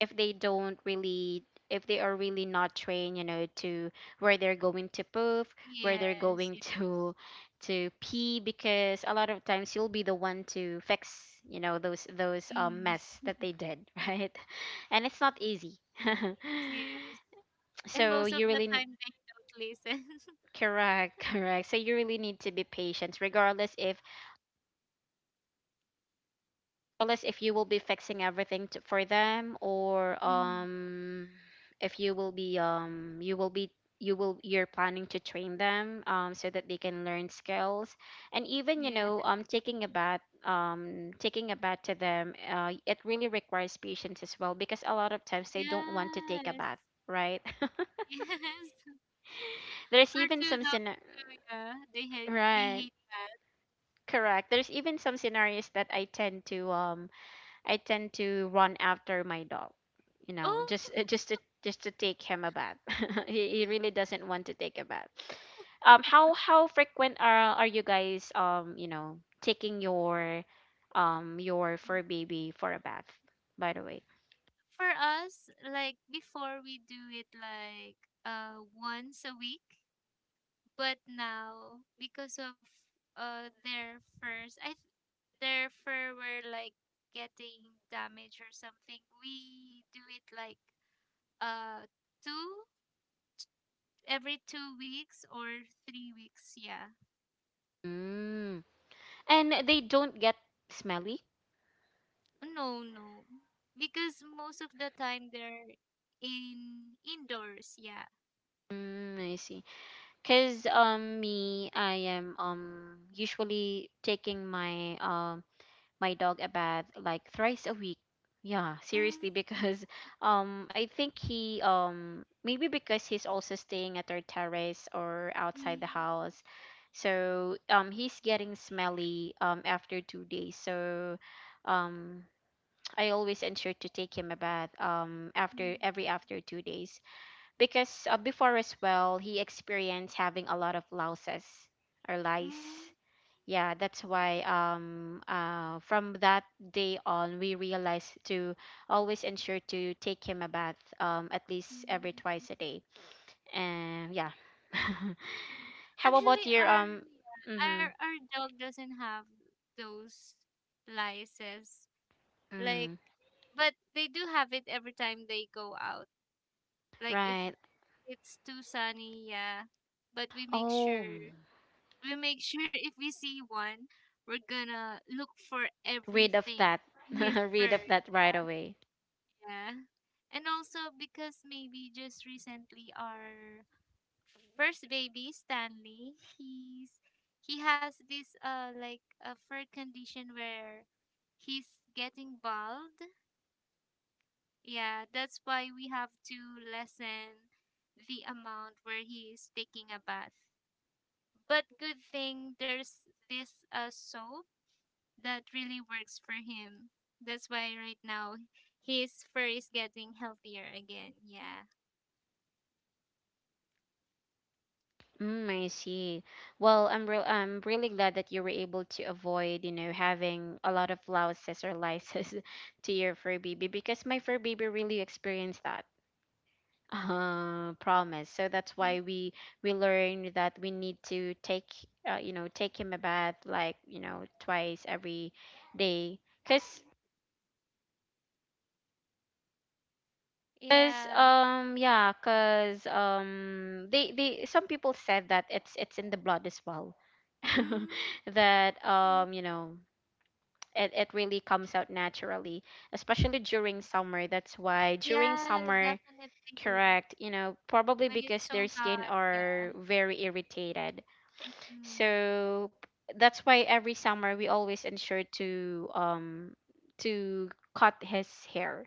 Speaker 1: if they don't really if they are really not trained, you know, to where they're going to poof, where they're
Speaker 2: Yes,
Speaker 1: going
Speaker 2: yeah.
Speaker 1: to to pee, because a lot of times you'll be the one to fix, you know, those those, um
Speaker 2: Hmm.
Speaker 1: mess that they did, right? And it's not easy.
Speaker 2: Yes. And
Speaker 1: so
Speaker 2: most of
Speaker 1: you
Speaker 2: the
Speaker 1: really
Speaker 2: time they don't listen.
Speaker 1: Correct, correct. So you really need to be patient, regardless if, regardless if you will be fixing everything, to, for them, or,
Speaker 2: Mm.
Speaker 1: um if you will be um you will be you will you're planning to train them, um so that they can learn skills. And even, you
Speaker 2: Yeah.
Speaker 1: know um taking a bath um taking a bath to them, uh it really requires patience as well, because a lot of times they don't want to take a
Speaker 2: Yes.
Speaker 1: bath, right?
Speaker 2: Yes.
Speaker 1: there's
Speaker 2: Or
Speaker 1: even
Speaker 2: to
Speaker 1: some
Speaker 2: the
Speaker 1: scena-
Speaker 2: to, yeah, they hate they
Speaker 1: Right.
Speaker 2: hate that.
Speaker 1: Correct. There's even some scenarios that I tend to um I tend to run after my dog, you know,
Speaker 2: Oh,
Speaker 1: just uh, just to just to take him a bath. he, he really doesn't want to take a bath. Um how how frequent are are you guys, um, you know, taking your, um your
Speaker 2: Mm.
Speaker 1: fur baby for a bath, by the way?
Speaker 2: For us, like before, we do it like uh once a week. But now because of uh their furs i th- their fur were like getting damaged or something, we do it like uh two every two weeks or three weeks, yeah.
Speaker 1: Mm. And they don't get smelly?
Speaker 2: No, no, because most of the time they're in indoors, yeah.
Speaker 1: Mm, I see. 'Cause, um me, I am, um usually taking my, um my dog a bath like thrice a week. Yeah,
Speaker 2: Mm.
Speaker 1: seriously, because um I think he, um maybe because he's also staying at our terrace or outside the
Speaker 2: Mm.
Speaker 1: house. So, um he's getting smelly, um after two days. So um I always ensure to take him a bath um after every
Speaker 2: Mm.
Speaker 1: after two days because uh, before as well he experienced having a lot of louses or
Speaker 2: Mm.
Speaker 1: lice, yeah. That's why um uh from that day on we realized to always ensure to take him a bath um at least every twice
Speaker 2: Mm.
Speaker 1: a day, and yeah. how about
Speaker 2: Actually,
Speaker 1: your
Speaker 2: our
Speaker 1: um
Speaker 2: our
Speaker 1: Mm-hmm.
Speaker 2: our dog doesn't have those lices. Like,
Speaker 1: Mm.
Speaker 2: but they do have it every time they go out. Like, if
Speaker 1: Right.
Speaker 2: it's too sunny, yeah. But we make
Speaker 1: Oh,
Speaker 2: sure we make sure if we see one, we're gonna look for
Speaker 1: rid of
Speaker 2: everything
Speaker 1: that
Speaker 2: in his fur.
Speaker 1: rid of that right
Speaker 2: Yeah.
Speaker 1: away.
Speaker 2: Yeah. And also because maybe just recently our first baby Stanley, he's he has this uh like a third condition where he's getting bald. Yeah, that's why we have to lessen the amount where he's taking a bath. But good thing there's this uh soap that really works for him. That's why right now his fur is getting healthier again. Yeah.
Speaker 1: Mm, I see. Well, I'm real I'm really glad that you were able to avoid, you know, having a lot of louses or lices to your fur baby, because my fur baby really experienced that. Uh, promise. So that's why we we learned that we need to take, uh, you know, take him a bath like, you know, twice every day. 'Cause Cause
Speaker 2: Yeah.
Speaker 1: um yeah, cause um they they some people said that it's it's in the blood as well.
Speaker 2: Mm.
Speaker 1: that um you know it, it really comes out naturally, especially during summer. That's why during
Speaker 2: Yeah,
Speaker 1: summer,
Speaker 2: definitely.
Speaker 1: correct, you know, probably
Speaker 2: When
Speaker 1: because
Speaker 2: it's
Speaker 1: their
Speaker 2: so
Speaker 1: skin
Speaker 2: hot, yeah.
Speaker 1: are very irritated.
Speaker 2: Mm.
Speaker 1: So that's why every summer we always ensure to um to cut his hair.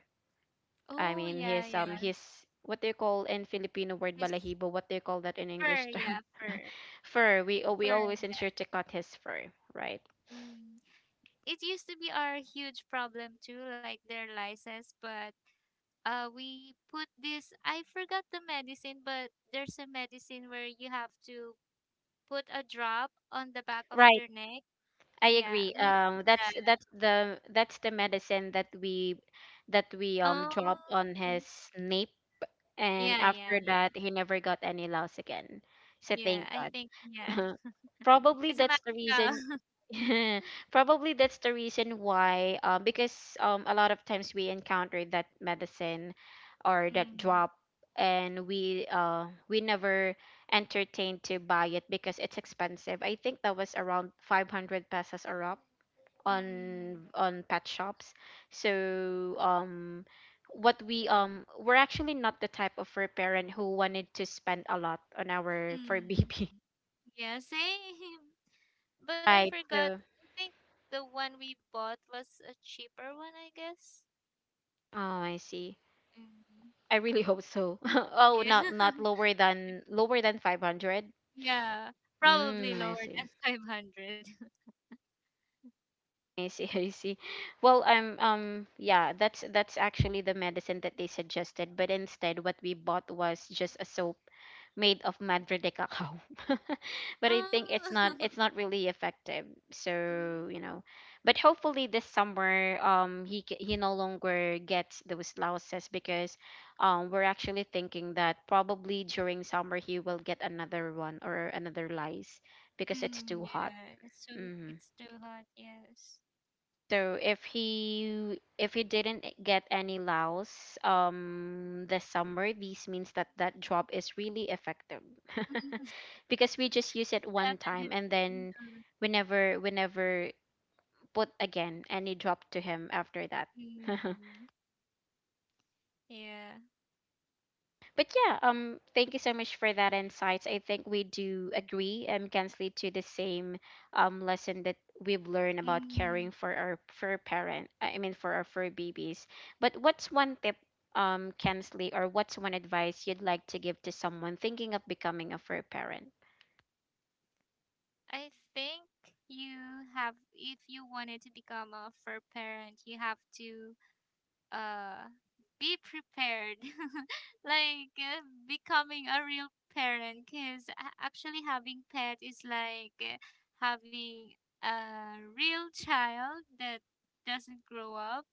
Speaker 1: I
Speaker 2: Oh,
Speaker 1: mean
Speaker 2: yeah,
Speaker 1: his um
Speaker 2: yeah.
Speaker 1: his, what they call in Filipino word,
Speaker 2: It's
Speaker 1: balahibo, what they call that in
Speaker 2: fur,
Speaker 1: English
Speaker 2: yeah,
Speaker 1: term?
Speaker 2: fur.
Speaker 1: Fur. we
Speaker 2: Fur,
Speaker 1: we always
Speaker 2: yeah.
Speaker 1: ensure to cut his fur, right.
Speaker 2: Mm. It used to be our huge problem too, like their lysis, but uh we put this, I forgot the medicine, but there's a medicine where you have to put a drop on the back of
Speaker 1: Right,
Speaker 2: their neck.
Speaker 1: I
Speaker 2: Yeah,
Speaker 1: agree.
Speaker 2: we use
Speaker 1: Um, that's
Speaker 2: that.
Speaker 1: that's the that's the medicine that we that we um
Speaker 2: Oh.
Speaker 1: dropped on
Speaker 2: Mm-hmm.
Speaker 1: his nape, and
Speaker 2: Yeah, yeah,
Speaker 1: after
Speaker 2: yeah.
Speaker 1: that he never got any loss again. So
Speaker 2: Yeah,
Speaker 1: thank
Speaker 2: I
Speaker 1: God.
Speaker 2: think yeah.
Speaker 1: Probably
Speaker 2: It's a
Speaker 1: that's the reason.
Speaker 2: magical.
Speaker 1: Probably that's the reason why. Um, because um a lot of times we encounter that medicine or that
Speaker 2: Mm,
Speaker 1: drop, and we uh we never entertained to buy it because it's expensive. I think that was around five hundred pesos a drop
Speaker 2: mm,
Speaker 1: on on pet shops. So um what we um we're actually not the type of fur parent who wanted to spend a lot on our fur
Speaker 2: mm.
Speaker 1: baby.
Speaker 2: Yeah, same. But I
Speaker 1: Right.
Speaker 2: forgot.
Speaker 1: So
Speaker 2: I think the one we bought was a cheaper one, I guess.
Speaker 1: oh, I see.
Speaker 2: Mm.
Speaker 1: I really hope so. Oh,
Speaker 2: Yeah.
Speaker 1: not not lower than lower than five hundred.
Speaker 2: Yeah. Probably
Speaker 1: Mm, I
Speaker 2: lower
Speaker 1: see.
Speaker 2: than five hundred.
Speaker 1: I see. I see. Well, um, um, yeah, that's that's actually the medicine that they suggested, but instead what we bought was just a soap made of Madrid cacao. But I think it's
Speaker 2: Oh.
Speaker 1: not, it's not really effective. So,
Speaker 2: Mm,
Speaker 1: you know, but hopefully this summer um he c- he no longer gets those louses, because um we're actually thinking that probably during summer he will get another one or another lice because it's
Speaker 2: mm,
Speaker 1: too hot.
Speaker 2: yeah. So
Speaker 1: Mhm.
Speaker 2: it's too hot, yes.
Speaker 1: So if he if he didn't get any Laos um this summer, this means that that job is really effective.
Speaker 2: Mm.
Speaker 1: Because we just use it one time,
Speaker 2: Definitely.
Speaker 1: and then
Speaker 2: Uh,
Speaker 1: we never we never put again any job to him after that.
Speaker 2: mm, yeah.
Speaker 1: But yeah, um, thank you so much for that insights. I think we do agree, um, Kensley, to the same um lesson that we've learned about
Speaker 2: Mm.
Speaker 1: caring for our for our parent. I mean, for our fur babies. But what's one tip, um, Kensley, or what's one advice you'd like to give to someone thinking of becoming a fur parent?
Speaker 2: I think you have, if you wanted to become a fur parent, you have to uh be prepared like uh, becoming a real parent, because actually having pet is like uh, having a real child that doesn't grow up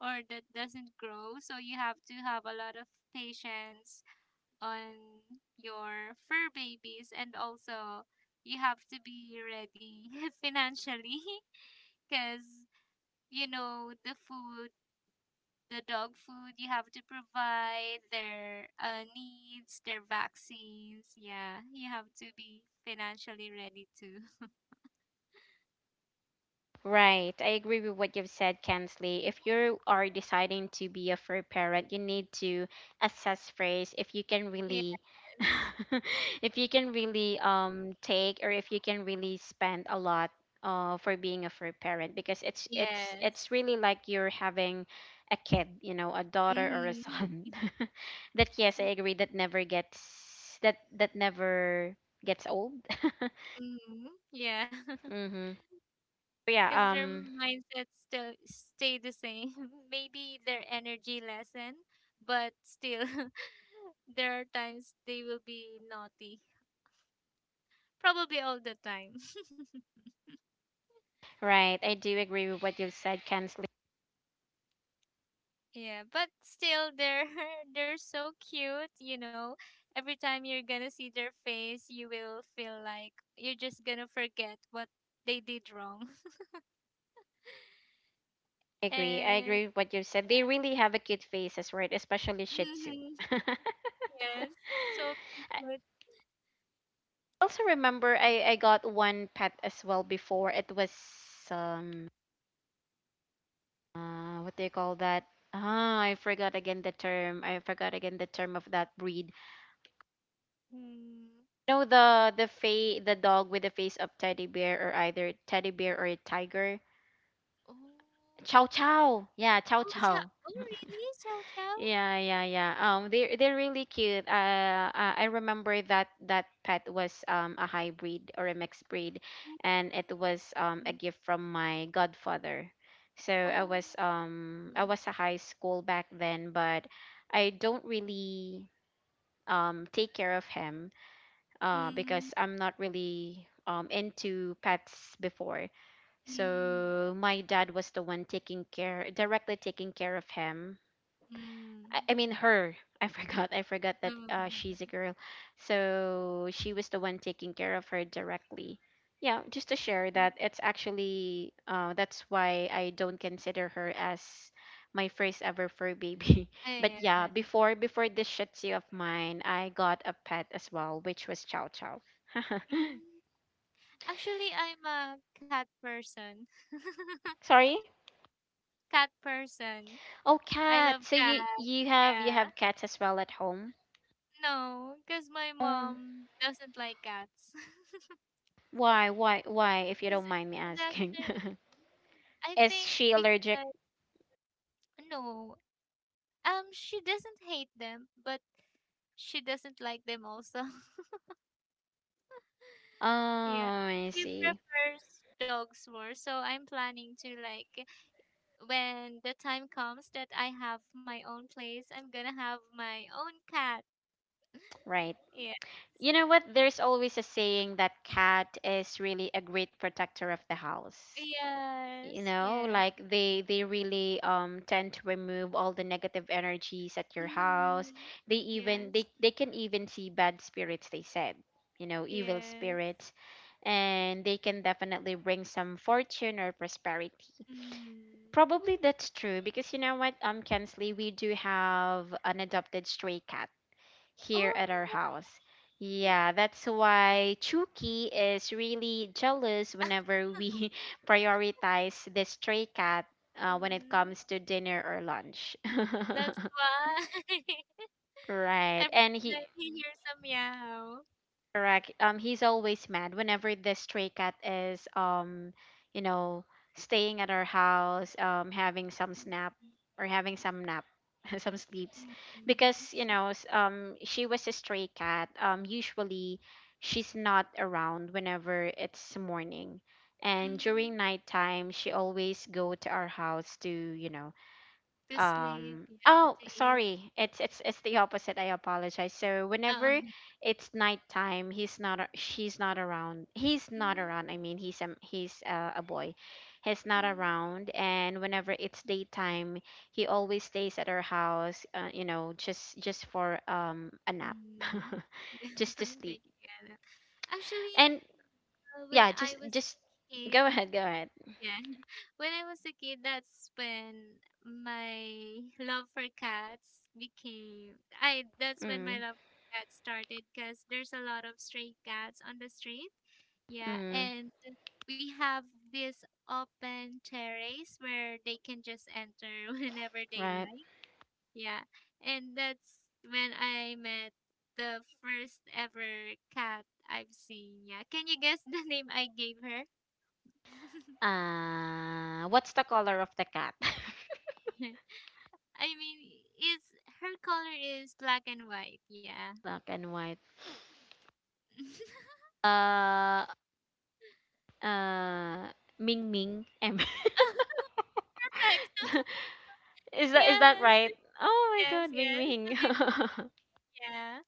Speaker 2: or that doesn't grow. So you have to have a lot of patience on your fur babies, and also you have to be ready financially, because you know, the food, the dog food you have to provide, their uh, needs, their vaccines. Yeah, you have to be financially ready too.
Speaker 1: Right. I agree with what you've said, Kensley. If you are deciding to be a fur parent, you need to assess first if you can really
Speaker 2: Yes.
Speaker 1: if you can really um take, or if you can really spend a lot uh for being a fur parent, because it's it's
Speaker 2: Yes.
Speaker 1: it's really like you're having a kid, you know, a daughter or a
Speaker 2: Mm-hmm.
Speaker 1: son. That, yes, I agree, that never gets, that that never gets old.
Speaker 2: Mm-hmm. Yeah,
Speaker 1: Mhm. So yeah,
Speaker 2: because their
Speaker 1: um.
Speaker 2: mindsets still stay the same. Maybe their energy lessen, but still, there are times they will be naughty. Probably all the time.
Speaker 1: Right, I do agree with what you've said, Kensley.
Speaker 2: Yeah, but still, they're they're so cute. You know, every time you're gonna see their face, you will feel like you're just gonna forget what they did wrong.
Speaker 1: I agree. I
Speaker 2: And
Speaker 1: agree with what you've said. They really have a cute faces, right? Especially Shih Tzu.
Speaker 2: hmm,
Speaker 1: I
Speaker 2: yes, so cute.
Speaker 1: also remember I, I got one pet as well before. It was um uh what do you call that? Ah, I forgot again the term. I forgot again the term of that breed.
Speaker 2: Mm.
Speaker 1: No, the the fa the dog with the face of teddy bear, or either teddy bear or a tiger.
Speaker 2: Oh,
Speaker 1: Chow Chow. Yeah, Chow
Speaker 2: oh, chow.
Speaker 1: Chow.
Speaker 2: Oh, really, chow chow.
Speaker 1: Yeah, yeah, yeah. Um, they they're really cute. Uh, uh, I remember that that pet was um a hybrid or a mixed breed, and it was um a
Speaker 2: Mm.
Speaker 1: gift from my godfather. So I was
Speaker 2: Oh,
Speaker 1: um I was a high school back then, but I don't really um take care of him uh
Speaker 2: mm,
Speaker 1: because I'm not really um into pets before.
Speaker 2: mm,
Speaker 1: So my dad was the one taking care, directly taking care of him. I,
Speaker 2: mm.
Speaker 1: I mean her. I forgot. I forgot that,
Speaker 2: Oh,
Speaker 1: uh, she's
Speaker 2: her.
Speaker 1: a girl. So she was the one taking care of her directly. Yeah, just to share
Speaker 2: Mm.
Speaker 1: that it's actually, uh, that's why I don't consider her as my first ever fur baby. But yeah,
Speaker 2: Yeah.
Speaker 1: before before this Shih Tzu of mine, I got a pet as well, which was Chow Chow.
Speaker 2: Mm. Actually, I'm a cat person.
Speaker 1: Sorry.
Speaker 2: Cat person.
Speaker 1: Oh,
Speaker 2: I love
Speaker 1: cat. So
Speaker 2: cats.
Speaker 1: you you have you
Speaker 2: Yeah.
Speaker 1: have cats as well at home?
Speaker 2: No, because my
Speaker 1: Oh,
Speaker 2: mom doesn't like cats.
Speaker 1: why why why? If you
Speaker 2: is
Speaker 1: don't mind
Speaker 2: is
Speaker 1: me
Speaker 2: actually,
Speaker 1: asking.
Speaker 2: I think,
Speaker 1: Is she allergic?
Speaker 2: because no, um, she doesn't hate them, but she doesn't like them also.
Speaker 1: Oh,
Speaker 2: Yeah,
Speaker 1: I
Speaker 2: she
Speaker 1: see.
Speaker 2: prefers dogs more. So I'm planning to, like, when the time comes that I have my own place, I'm gonna have my own cat.
Speaker 1: Right.
Speaker 2: Yeah.
Speaker 1: You know what? There's always a saying that cat is really a great protector of the house. You
Speaker 2: Yes,
Speaker 1: know,
Speaker 2: yes.
Speaker 1: like they they really um tend to remove all the negative energies at your house.
Speaker 2: Mm.
Speaker 1: They even
Speaker 2: Yes,
Speaker 1: they they can even see bad spirits, they said. You know, evil
Speaker 2: yes.
Speaker 1: spirits, and they can definitely bring some fortune or prosperity.
Speaker 2: Mm.
Speaker 1: Probably that's true, because you know what, um, Kensley, we do have an adopted stray cat here at
Speaker 2: Oh,
Speaker 1: our house.
Speaker 2: wow.
Speaker 1: Yeah, that's why Chucky is really jealous whenever we prioritize the stray cat, uh, when it
Speaker 2: Mm.
Speaker 1: comes to dinner or lunch.
Speaker 2: That's why
Speaker 1: Right.
Speaker 2: every
Speaker 1: And he.
Speaker 2: time he hears a meow.
Speaker 1: Correct. Um, he's always mad whenever the stray cat is, um, you know, staying at our house, um, having some
Speaker 2: Mm.
Speaker 1: snap or having some nap, some sleeps,
Speaker 2: Mm.
Speaker 1: because you know, s- um, she was a stray cat. Um, usually, she's not around whenever it's morning, and during
Speaker 2: Mm.
Speaker 1: nighttime, she always go to our house to, you know,
Speaker 2: To sleep,
Speaker 1: um
Speaker 2: yeah, and
Speaker 1: oh,
Speaker 2: to eat.
Speaker 1: sorry, it's it's it's the opposite, I apologize. So
Speaker 2: Oh.
Speaker 1: whenever it's nighttime, he's not a- she's not around, he's not
Speaker 2: Mm.
Speaker 1: around, I mean, he's um he's, uh, a boy, he's not
Speaker 2: Mm.
Speaker 1: around, and whenever it's daytime he always stays at our house, uh, you know, just just for um a nap.
Speaker 2: Mm. Yeah,
Speaker 1: Just to sleep.
Speaker 2: thank you, Anna. Actually,
Speaker 1: And
Speaker 2: uh, when
Speaker 1: yeah, just
Speaker 2: I was
Speaker 1: just
Speaker 2: a
Speaker 1: go
Speaker 2: kid,
Speaker 1: ahead, go ahead.
Speaker 2: yeah. When I was a kid, that's when my love for cats became I that's when my
Speaker 1: Mm,
Speaker 2: love for cats started because there's a lot of stray cats on the street. Yeah,
Speaker 1: mm,
Speaker 2: and we have this open terrace where they can just enter whenever they
Speaker 1: right.
Speaker 2: like. Yeah. And that's when I met the first ever cat I've seen. Yeah. Can you guess the name I gave her?
Speaker 1: Uh, what's the color of the cat?
Speaker 2: I mean, is her color is black and white. Yeah.
Speaker 1: Black and white. Uh, uh, Ming Ming. M.
Speaker 2: Correct.
Speaker 1: Is that is that
Speaker 2: Yes,
Speaker 1: right? Oh my
Speaker 2: yes,
Speaker 1: God, Ming
Speaker 2: yes. The
Speaker 1: Ming.
Speaker 2: name is- Yeah.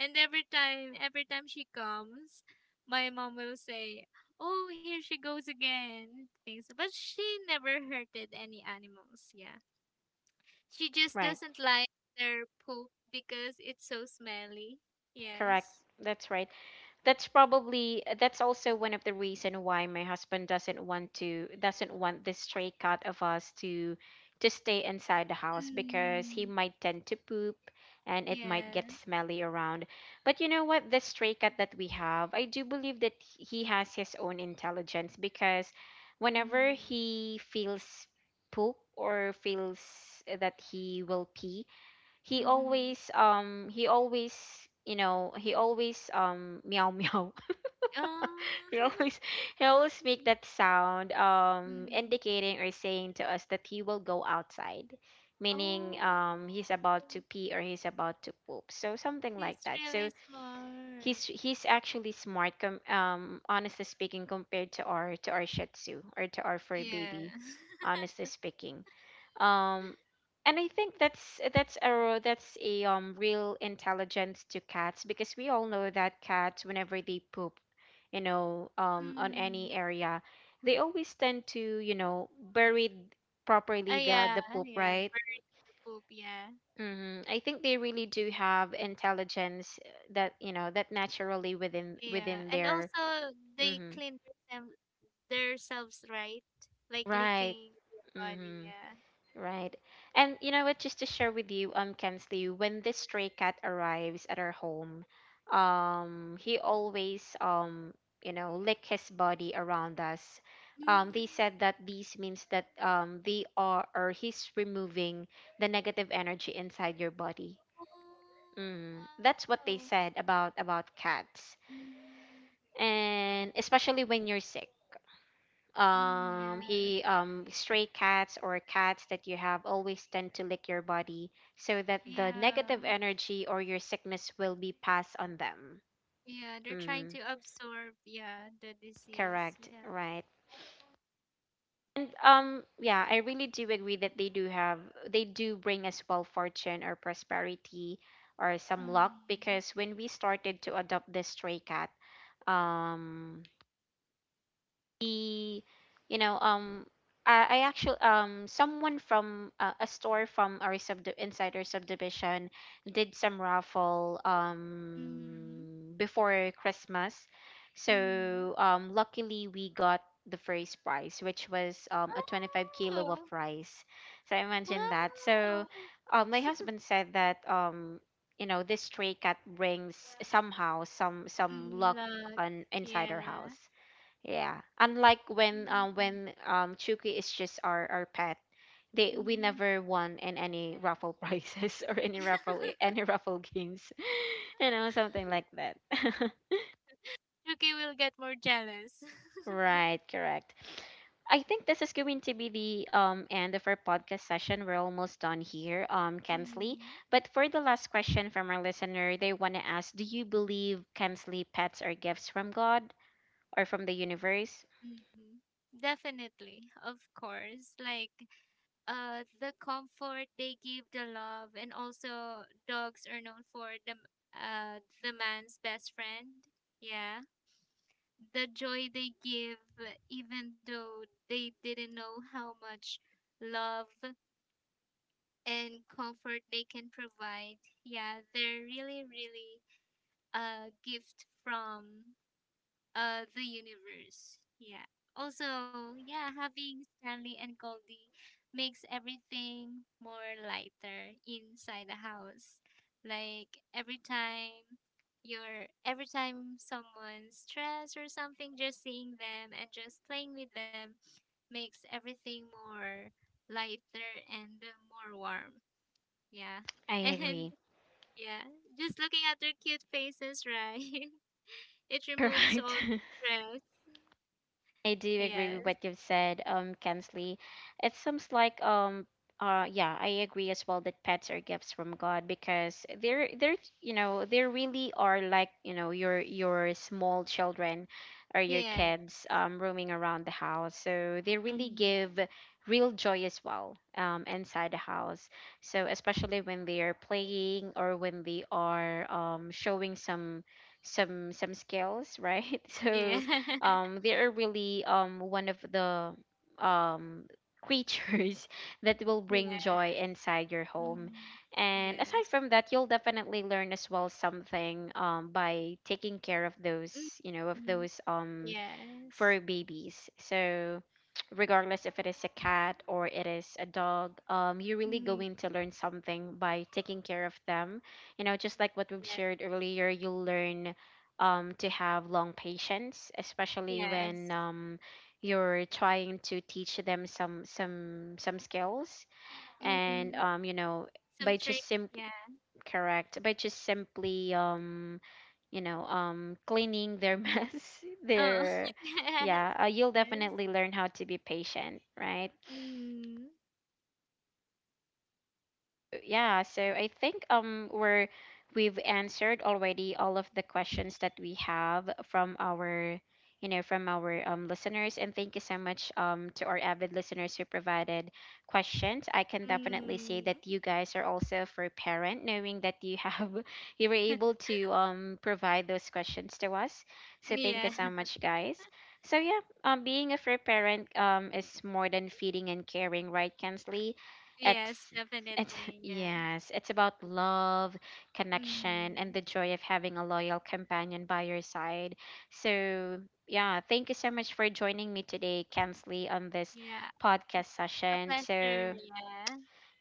Speaker 2: And every time, every time she comes, my mom will say, "Oh, here she goes again." Things, but she never hurted any animals. Yeah. She just
Speaker 1: Right,
Speaker 2: doesn't like their poop because it's so smelly.
Speaker 1: correct.
Speaker 2: Yes.
Speaker 1: That's right. That's probably that's also one of the reason why my husband doesn't want to, doesn't want this stray cat of us to, to stay inside the house, because he
Speaker 2: Mm,
Speaker 1: might tend to poop and it might
Speaker 2: yeah.
Speaker 1: get smelly around. But you know what, the stray cat that we have, I do believe that he has his own intelligence, because whenever
Speaker 2: Mm,
Speaker 1: he feels poop or feels that he will pee, he
Speaker 2: mm-hmm.
Speaker 1: always um he always, you know, he always um meow meow.
Speaker 2: Oh.
Speaker 1: he always he always make that sound, um,
Speaker 2: Mm.
Speaker 1: indicating or saying to us that he will go outside, meaning
Speaker 2: Oh,
Speaker 1: um he's about to pee or he's about to poop, so something like
Speaker 2: he's
Speaker 1: that. So
Speaker 2: really
Speaker 1: he's
Speaker 2: smart.
Speaker 1: he's actually smart, com- um honestly speaking, compared to our to our Shih Tzu or to our fur
Speaker 2: Yeah.
Speaker 1: baby, honestly speaking. um and I think that's that's a that's a, um real intelligence to cats, because we all know that cats, whenever they poop, you know, um on any
Speaker 2: Mm.
Speaker 1: area, they always tend to, you know, bury properly
Speaker 2: Oh,
Speaker 1: the
Speaker 2: yeah,
Speaker 1: the poop,
Speaker 2: yeah.
Speaker 1: right?
Speaker 2: Bury your poop, yeah.
Speaker 1: Hmm. I think they really do have intelligence, uh, that, you know, that naturally within
Speaker 2: Yeah.
Speaker 1: within
Speaker 2: And
Speaker 1: their.
Speaker 2: also,
Speaker 1: Hmm.
Speaker 2: they clean them, themselves, right? Like
Speaker 1: Right.
Speaker 2: licking their body,
Speaker 1: Hmm.
Speaker 2: yeah.
Speaker 1: Right. And you know what, just to share with you, um, Kensley, when this stray cat arrives at our home, um, he always, um, you know, lick his body around us. Um, they
Speaker 2: Mm.
Speaker 1: said that this means that um they are, or he's removing the negative energy inside your body.
Speaker 2: Oh,
Speaker 1: Mm, that's what they
Speaker 2: wow.
Speaker 1: said about about cats.
Speaker 2: Mm.
Speaker 1: And especially when you're sick,
Speaker 2: Mm,
Speaker 1: um
Speaker 2: yeah.
Speaker 1: he, um stray cats or cats that you have, always tend to lick your body, so that the
Speaker 2: Yeah.
Speaker 1: negative energy or your sickness will be passed on them.
Speaker 2: Yeah. They're
Speaker 1: Mm,
Speaker 2: trying to absorb, yeah, the disease,
Speaker 1: correct,
Speaker 2: yeah.
Speaker 1: right. And um, yeah, I really do agree that they do have they do bring us, well, fortune or prosperity, or some luck,
Speaker 2: Mm.
Speaker 1: because when we started to adopt this stray cat, um the you know, um, I, I actually, um someone from, uh, a store from our sub insider subdivision did some raffle
Speaker 2: Mhm.
Speaker 1: um before Christmas. So
Speaker 2: Mhm.
Speaker 1: um luckily we got the first prize which was um a twenty-five
Speaker 2: Wow!
Speaker 1: kilo of rice. So I imagine that. So
Speaker 2: Wow!
Speaker 1: uh, my husband said that um you know this stray cat brings somehow some some luck
Speaker 2: Mm, luck.
Speaker 1: on inside our house,
Speaker 2: Yeah.
Speaker 1: yeah, unlike when um
Speaker 2: Mhm.
Speaker 1: when um Chucky is just our our pet, they we
Speaker 2: Mhm.
Speaker 1: never won in any raffle prizes or any raffle eh, any raffle games, you know, something like that.
Speaker 2: Yuki will get more jealous.
Speaker 1: Right, correct. I think this is going to be the um end of our podcast session. We're almost done here, um, Kensley.
Speaker 2: Mhm.
Speaker 1: But for the last question from our listener, they want to ask, do you believe, Kensley, pets are gifts from God or from the universe?
Speaker 2: Mhm. Definitely, of course. Like uh the comfort they give, the love, and also dogs are known for the uh the man's best friend. Yeah. The joy they give even though they didn't know how much love and comfort they can provide. Yeah, they're really, really a gift from uh the universe. Yeah. Also, yeah, having Stanley and Goldie makes everything more lighter inside the house. Like every time you're every time someone's stressed or something, just seeing them and just playing with them makes everything more lighter and more warm. Yeah.
Speaker 1: I agree.
Speaker 2: And yeah, just looking at their cute faces, right? It removes
Speaker 1: Correct.
Speaker 2: all stress.
Speaker 1: I do agree with
Speaker 2: Yes.
Speaker 1: what you've said, um, Kensley. It seems like um uh yeah, I agree as well that pets are gifts from God because they're they're you know, they really are like, you know, your your small children or your
Speaker 2: Yeah.
Speaker 1: kids um roaming around the house. So they really
Speaker 2: Mm.
Speaker 1: give real joy as well um inside the house. So especially when they are playing or when they are um showing some some some skills, right?
Speaker 2: Yeah.
Speaker 1: So um, they are really um, one of the um, creatures that will bring joy inside your home. And
Speaker 2: Yes.
Speaker 1: aside from that, you'll definitely learn as well something, um, by taking care of
Speaker 2: Mm. Yes.
Speaker 1: those, you know, of
Speaker 2: Mm.
Speaker 1: those, um,
Speaker 2: Yes.
Speaker 1: for babies. So, regardless if it is a cat or it is a dog, um, you're really
Speaker 2: Mm.
Speaker 1: going to learn something by taking care of them. You know, just like what we've
Speaker 2: Yeah.
Speaker 1: shared earlier, you'll learn, um, to have long patience, especially
Speaker 2: Yes.
Speaker 1: when, um, you're trying to teach them some some some skills. And
Speaker 2: Mm.
Speaker 1: um, you know,
Speaker 2: Some
Speaker 1: by
Speaker 2: tricks.
Speaker 1: just sim-
Speaker 2: Yeah.
Speaker 1: correct by just simply um you know um cleaning their mess,
Speaker 2: Oh.
Speaker 1: their
Speaker 2: Yes.
Speaker 1: yeah, uh, you'll definitely learn how to be patient, right?
Speaker 2: Yes. Mm.
Speaker 1: Yeah, so I think um we're we've answered already all of the questions that we have from our, you know from our, um, listeners, and thank you so much, um, to our avid listeners who provided questions. I can definitely say
Speaker 2: Mm.
Speaker 1: that you guys are also for parent, knowing that you have you were able to, um, provide those questions to us. So thank
Speaker 2: Yeah.
Speaker 1: you so much, guys. So yeah, um, being a fair parent, um, is more than feeding and caring, right, Kensley?
Speaker 2: Yes,
Speaker 1: It's it's,
Speaker 2: definitely. Yeah.
Speaker 1: yes, it's about love, connection,
Speaker 2: Mm.
Speaker 1: and the joy of having a loyal companion by your side. So, yeah, thank you so much for joining me today, Kensley, on this
Speaker 2: Yeah.
Speaker 1: podcast
Speaker 2: It's a
Speaker 1: session.
Speaker 2: pleasure.
Speaker 1: So,
Speaker 2: Yeah.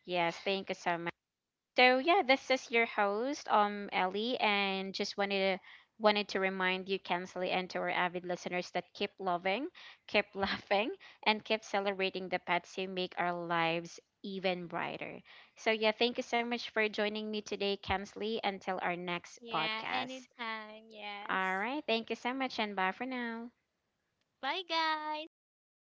Speaker 1: yes, thank you so much. So yeah, this is your host, um, Ellie, and just wanted to, wanted to remind you, Kensley, and to our avid listeners that keep loving, keep laughing, and keep celebrating the pets who make our lives even brighter. So yeah, thank you so much for joining me today, Kensley. Until our next
Speaker 2: Yeah.
Speaker 1: podcast.
Speaker 2: Anytime.
Speaker 1: All
Speaker 2: Yes.
Speaker 1: right, thank you so much, and bye for now.
Speaker 2: Bye, guys. Thank you.